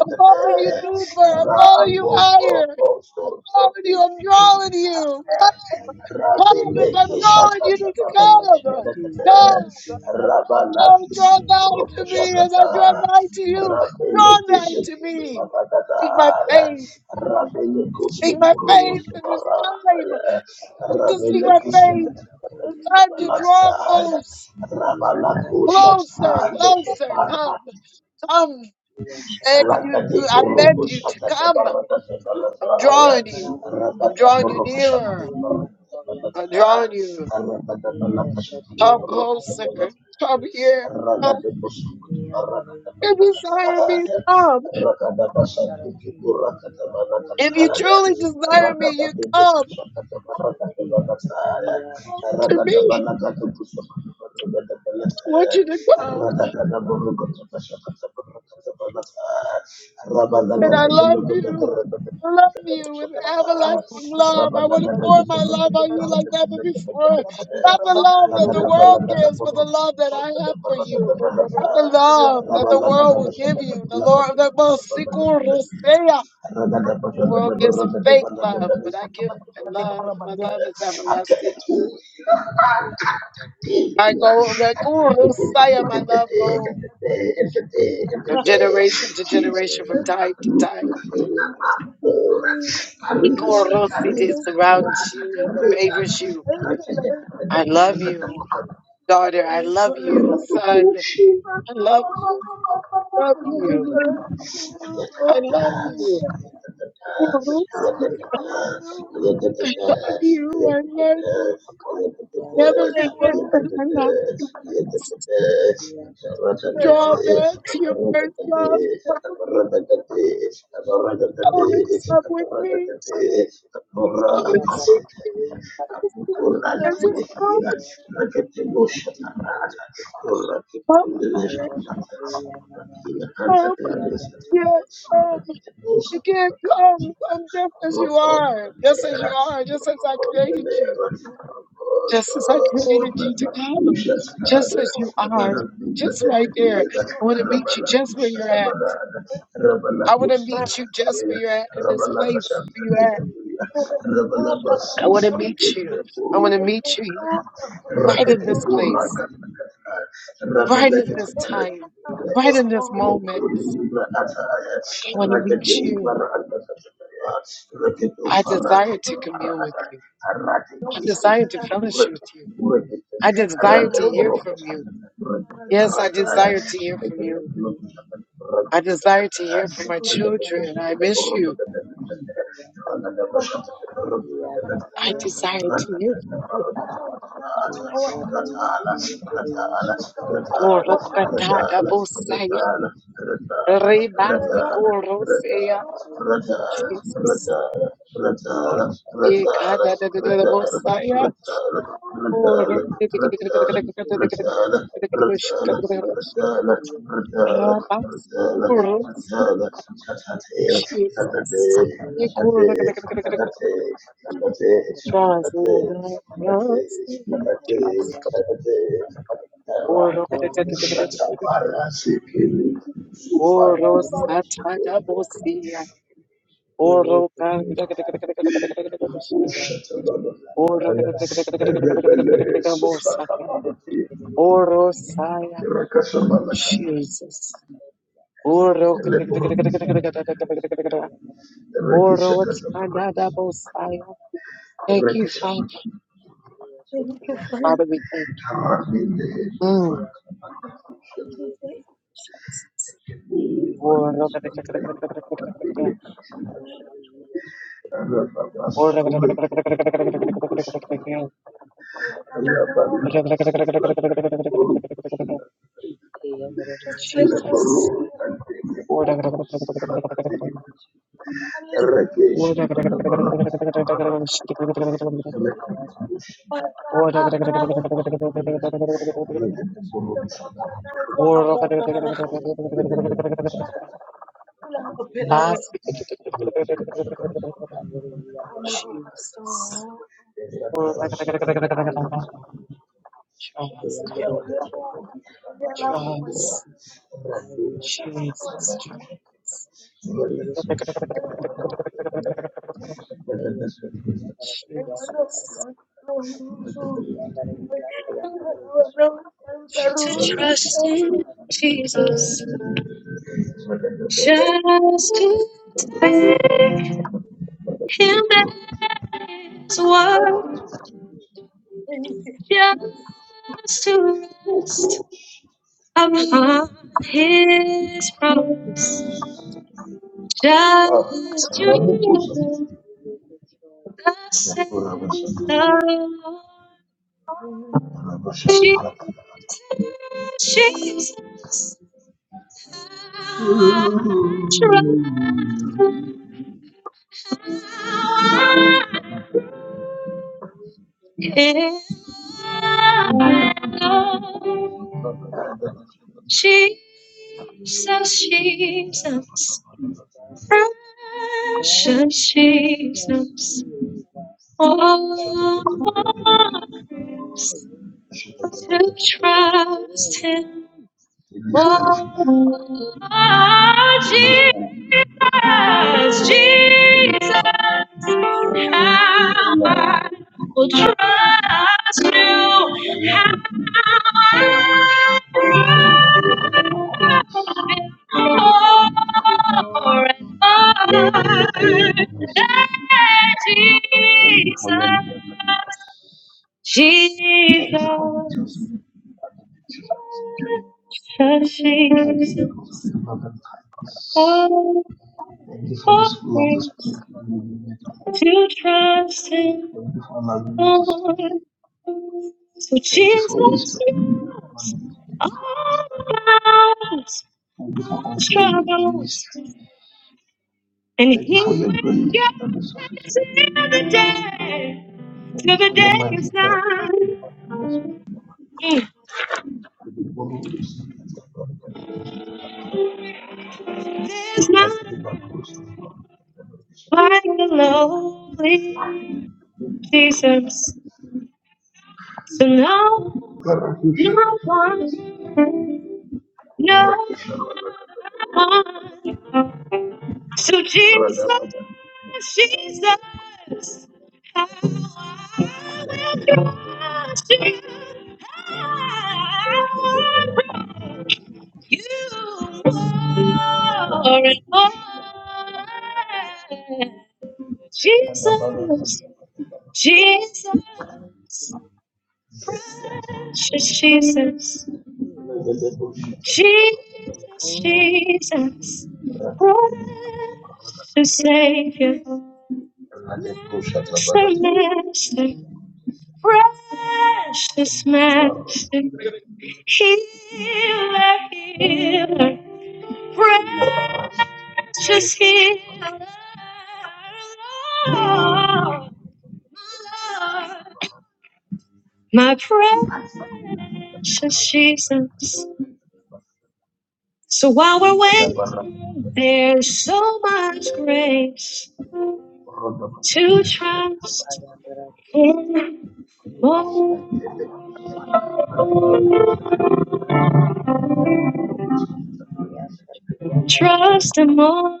S1: I'm calling you deeper. I'm calling you higher. I'm calling you. I'm drawing you. Come, come. If I'm drawing you, you can come. Come. Oh, draw nigh to me as I draw nigh to you. Draw nigh to me. Seek my face. Seek my face in this time. To seek my face. It's time to draw close, closer, closer. Come, come. Beg you- I beg you to come. I'm drawing you. I'm drawing you nearer. I'm drawing you. Come closer. Come here. Come. If you desire me, come. If you truly desire me, you come. Come close to me. I want you to come. that I love you. I love you with everlasting love. I want to pour my love on you like never before. Not the love that the world gives, but the love that I have for you. Not the love that the world will give you. The Lord, the most sequel The world gives a fake love, but I give a love. My love is everlasting. I go, like, Rusaya, my love goes from generation to generation, from time to time. Nikorosity surrounds you, favors you. I love you, daughter. I love you, son. I love you. Love you. I love you. I Love you. I love you. Never forget that I love you. Draw
S2: hello.
S1: back to your first love. Come come and sup with me. Come and seek me. Come and see me. I just come, come, come. Yes, come. You can't come. Come just as you are. Just as you are. Just as I created you. Just as I created you to come, just as you are, just right there. I want to meet you just where you're at. I want to meet you just where you're at in this place where you're at. I want to meet you. I want to meet you here, right in this place, right at this time, right in this moment. I want to meet you. I desire to commune with you. I desire to fellowship with you. I desire to hear from you. Yes, I desire to hear from you. I desire to hear from my children. I miss you. I desire to hear from you. Koro kratata bosaya. Remasi koro seya. Jesus. Ekada da da da da bosaya. Koro kete kete kete kete kete kete kete kete kete kete kete shuk kete kete kete shuk. Rabas. Koro. Jesus. Ekoro Just love us. Just kete kete. Koro kete kete kete kete kete kete. Koro satada bosia. Orosaya, Jesus. Oro Orotadabosaya. Thank you, Father. Father, we thank you. Mm. Oro- kita kita kita kita kita kita kita kita kita Oro kita kita kita kita kita kita kita kita kita kita Jesus. Jesus. Trust God. Trust. Jesus. Jesus. To trust in Jesus. Just to take His word just to rest upon his promise, just to know the said the Lord. Jesus, Jesus, how I trust him, how I am loved. Jesus, Jesus, precious Jesus, oh, what a grace to trust Him Oh, Jesus, Jesus, how I will trust you. How I will forever. Jesus, Jesus, Jesus. Oh, for grace to trust Him more. So Jesus, knows all about us, our struggles, and He will guide us till the day, till the day is done. Mm. There's not like the lowly Jesus. So no, no one, no one. So Jesus, Jesus, how I will trust you. How I will you more and more. Jesus, Jesus, precious Jesus. Jesus, Jesus, precious Savior, Master, Master, precious Master, Healer, Healer, precious Healer, Lord, my Lord, my precious Jesus. So while we're waiting, there's so much grace to trust Him more, trust Him more,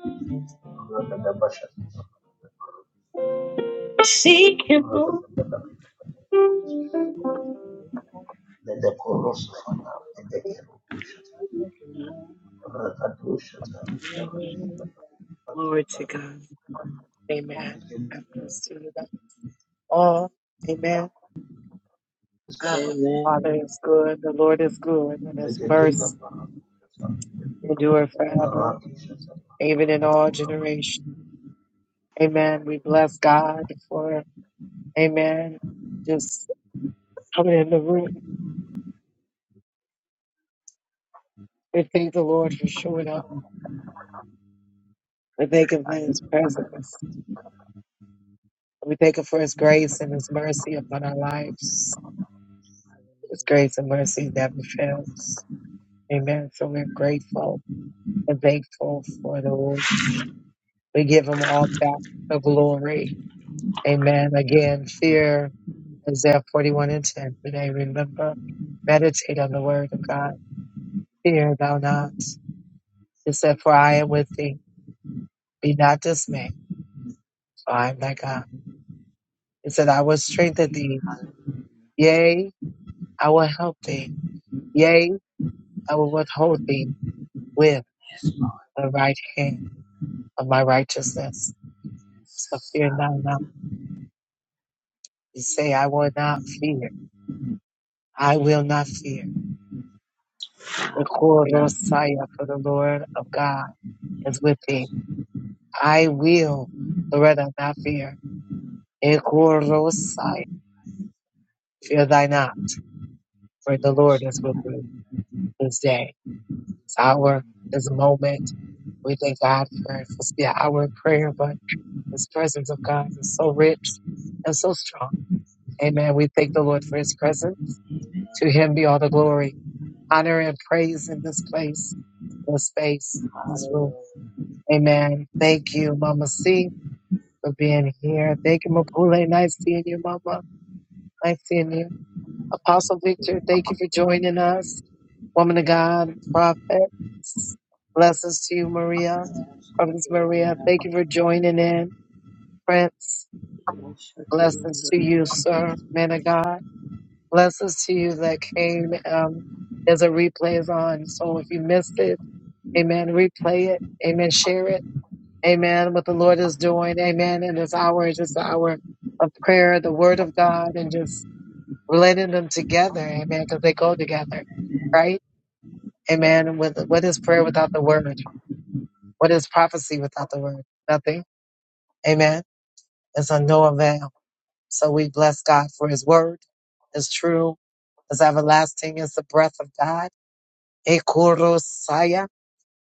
S1: seek Him more. Amen. Glory to God. Amen. I bless you with all. Amen. Ah, Father is good. The Lord is good, and His mercy endure forever, even in all generations. Amen. We bless God for. Amen. Just coming in the room. We thank the Lord for showing up. We thank Him for His presence. We thank Him for His grace and His mercy upon our lives. His grace and mercy never fails. Amen. So we're grateful and thankful for the Lord. We give Him all back the glory. Amen. Again, fear Isaiah 41 and 10 today. Remember, meditate on the word of God. Fear thou not. It said, For I am with thee. Be not dismayed, for I am thy God. It said, I will strengthen thee. Yea, I will help thee. Yea, I will withhold thee with the right hand of my righteousness. So fear thou not. You say, I will not fear. I will not fear. The Korosaya for the Lord of God is with thee. I will, Loretta, not fear. The Korosaya, fear thy not, for the Lord is with thee this day, this hour, this moment. We thank God for, for the hour of prayer, but This presence of God is so rich and so strong. Amen. We thank the Lord for his presence. To him be all the glory, honor, and praise in this place, in this space, in this room. Amen. Thank you, Mama C, for being here. Thank you, Mapule. Nice seeing you, Mama. Nice seeing you. Apostle Victor, thank you for joining us. Woman of God, prophet, blessings to you, Maria. Prophetess Maria, thank you for joining in. Prince. Blessings to you, sir, man of God. Blessings to you that came. Um, there's a replay is on. So if you missed it, amen, replay it. Amen, share it. Amen, what the Lord is doing. Amen. And this hour is just an hour of prayer, the word of God, and just relating them together. Amen, because they go together, right? Amen. And with, what is prayer without the word? What is prophecy without the word? Nothing. Amen. It's a no avail. So we bless God for his word, is true, as everlasting as the breath of God. Ekorosaya.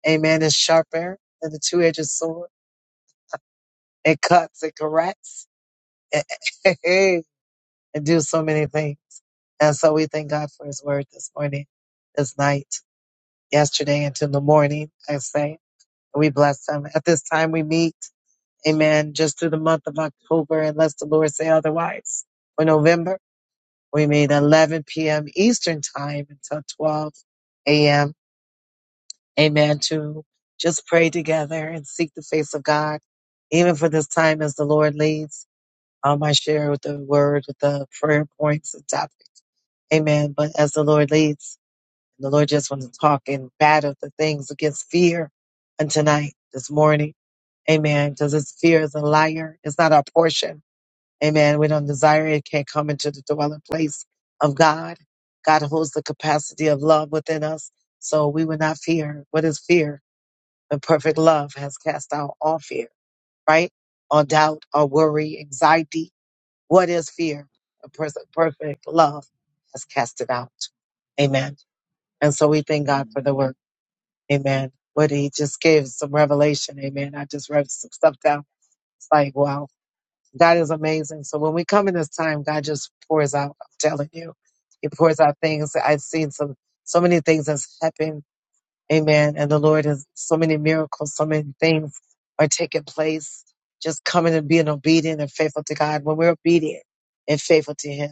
S1: Amen. Is sharper than the two-edged sword. It cuts, it corrects, it, it do so many things. And so we thank God for his word this morning, this night, yesterday, until the morning, I say. We bless them. At this time we meet, amen, just through the month of October, unless the Lord say otherwise. For November, We meet 11 p.m. Eastern Time until 12 a.m. Amen. To just pray together and seek the face of God, even for this time as the Lord leads. Um, I share with the word, with the prayer points and topics. Amen. But as the Lord leads, the Lord just wants to talk and battle the things against fear. And tonight, this morning, Amen. Because it's fear is a liar. It's not our portion. Amen. We don't desire it, can't come into the dwelling place of God. God holds the capacity of love within us, so we will not fear. What is fear? The perfect love has cast out all fear, right? All doubt, all worry, anxiety. What is fear? The pers- perfect love has cast it out. Amen. And so we thank God for the work. Amen. What he just gave some revelation. Amen. I just wrote some stuff down. It's like, wow. God is amazing. So when we come in this time, God just pours out. I'm telling you, He pours out things. I've seen some, so many things that's happened. Amen. And the Lord has so many miracles, so many things are taking place. Just coming and being obedient and faithful to God. When we're obedient and faithful to Him,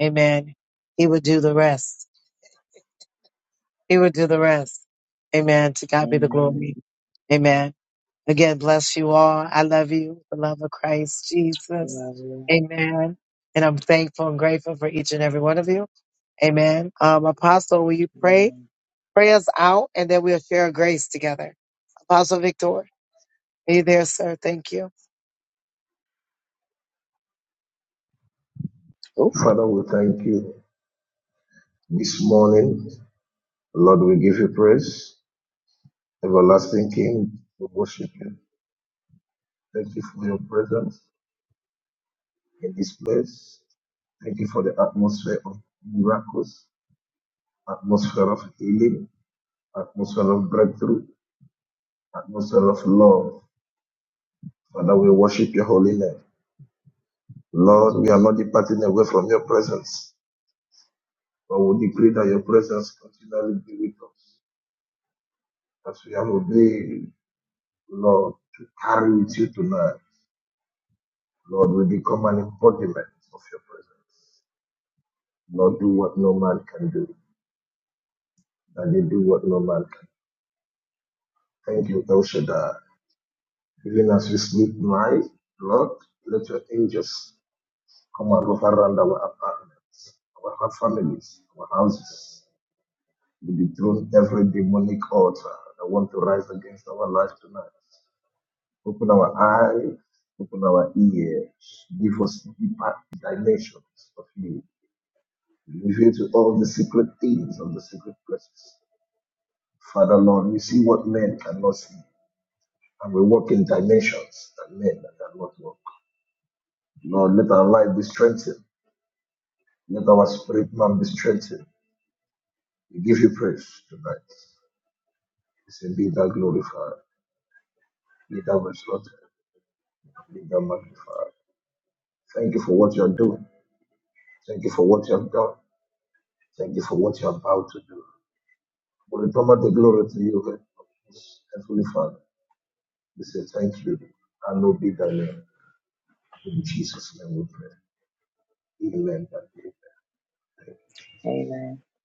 S1: Amen. He would do the rest. He would do the rest. Amen. To God be the glory. Amen. Again, bless you all. I love you, the love of Christ Jesus. Amen. And I'm thankful and grateful for each and every one of you. Amen. Um, Apostle, will you pray? Pray us out and then we'll share grace together. Apostle Victor, be there, sir. Thank you.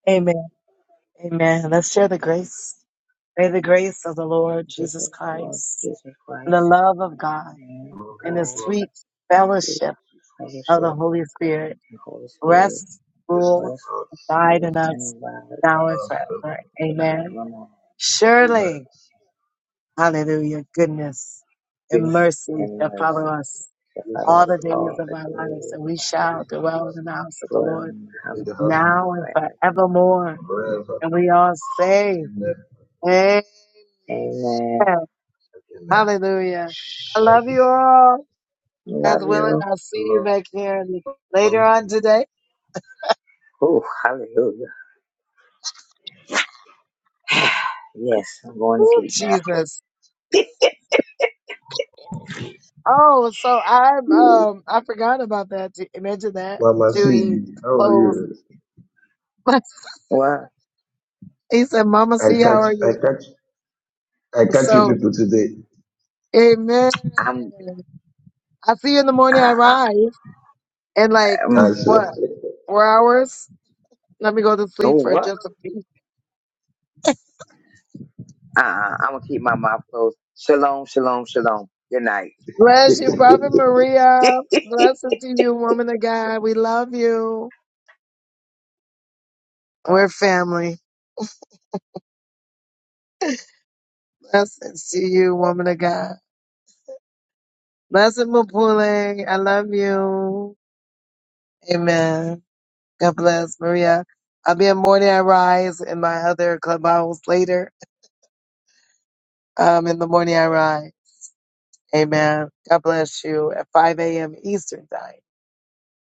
S1: Amen. Amen. Let's share the grace. May the grace of the Lord Jesus Christ and the love of God and the sweet fellowship of the Holy Spirit rest, rule, died in us now and forever. Amen. Surely, hallelujah, goodness and mercy shall follow us all the days of our lives, and we shall dwell in the house of the Lord now and forevermore. And we all say, Amen. Hallelujah. I love you all. As willing, I'll see you back here later on today. Ooh, Jesus. Oh, so I'm um I forgot about that. Ju- Imagine that.
S3: Mama
S1: Dewey
S3: C, how are
S1: closed.
S3: you?
S1: he said, Mama
S3: I
S1: C, how
S3: catch
S1: are
S3: I
S1: you?
S3: catch I catch you
S1: So
S3: people today.
S1: Amen.
S4: I'm
S1: I see you in the
S4: I,
S1: morning I
S4: I
S1: rise in like
S4: um
S3: I
S1: what,
S3: see.
S1: four hours? Let me go to
S4: oh
S1: sleep for
S4: what?
S1: just a few.
S4: Uh, uh I'm gonna keep my mouth closed. Shalom, shalom, shalom. Good night.
S1: Bless you, Prophet Maria. Blessings to you, woman of God. We love you. We're family. Blessings to you, woman of God. Blessing Mapule. I love you. Amen. God bless Maria. I'll be in Morning I Rise in my other clubhouse later. Um, in the Morning I Rise. Amen. God bless you at 5 a.m. Eastern time.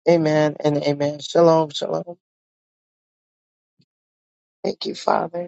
S1: Amen and amen. Shalom, shalom. Thank you, Father.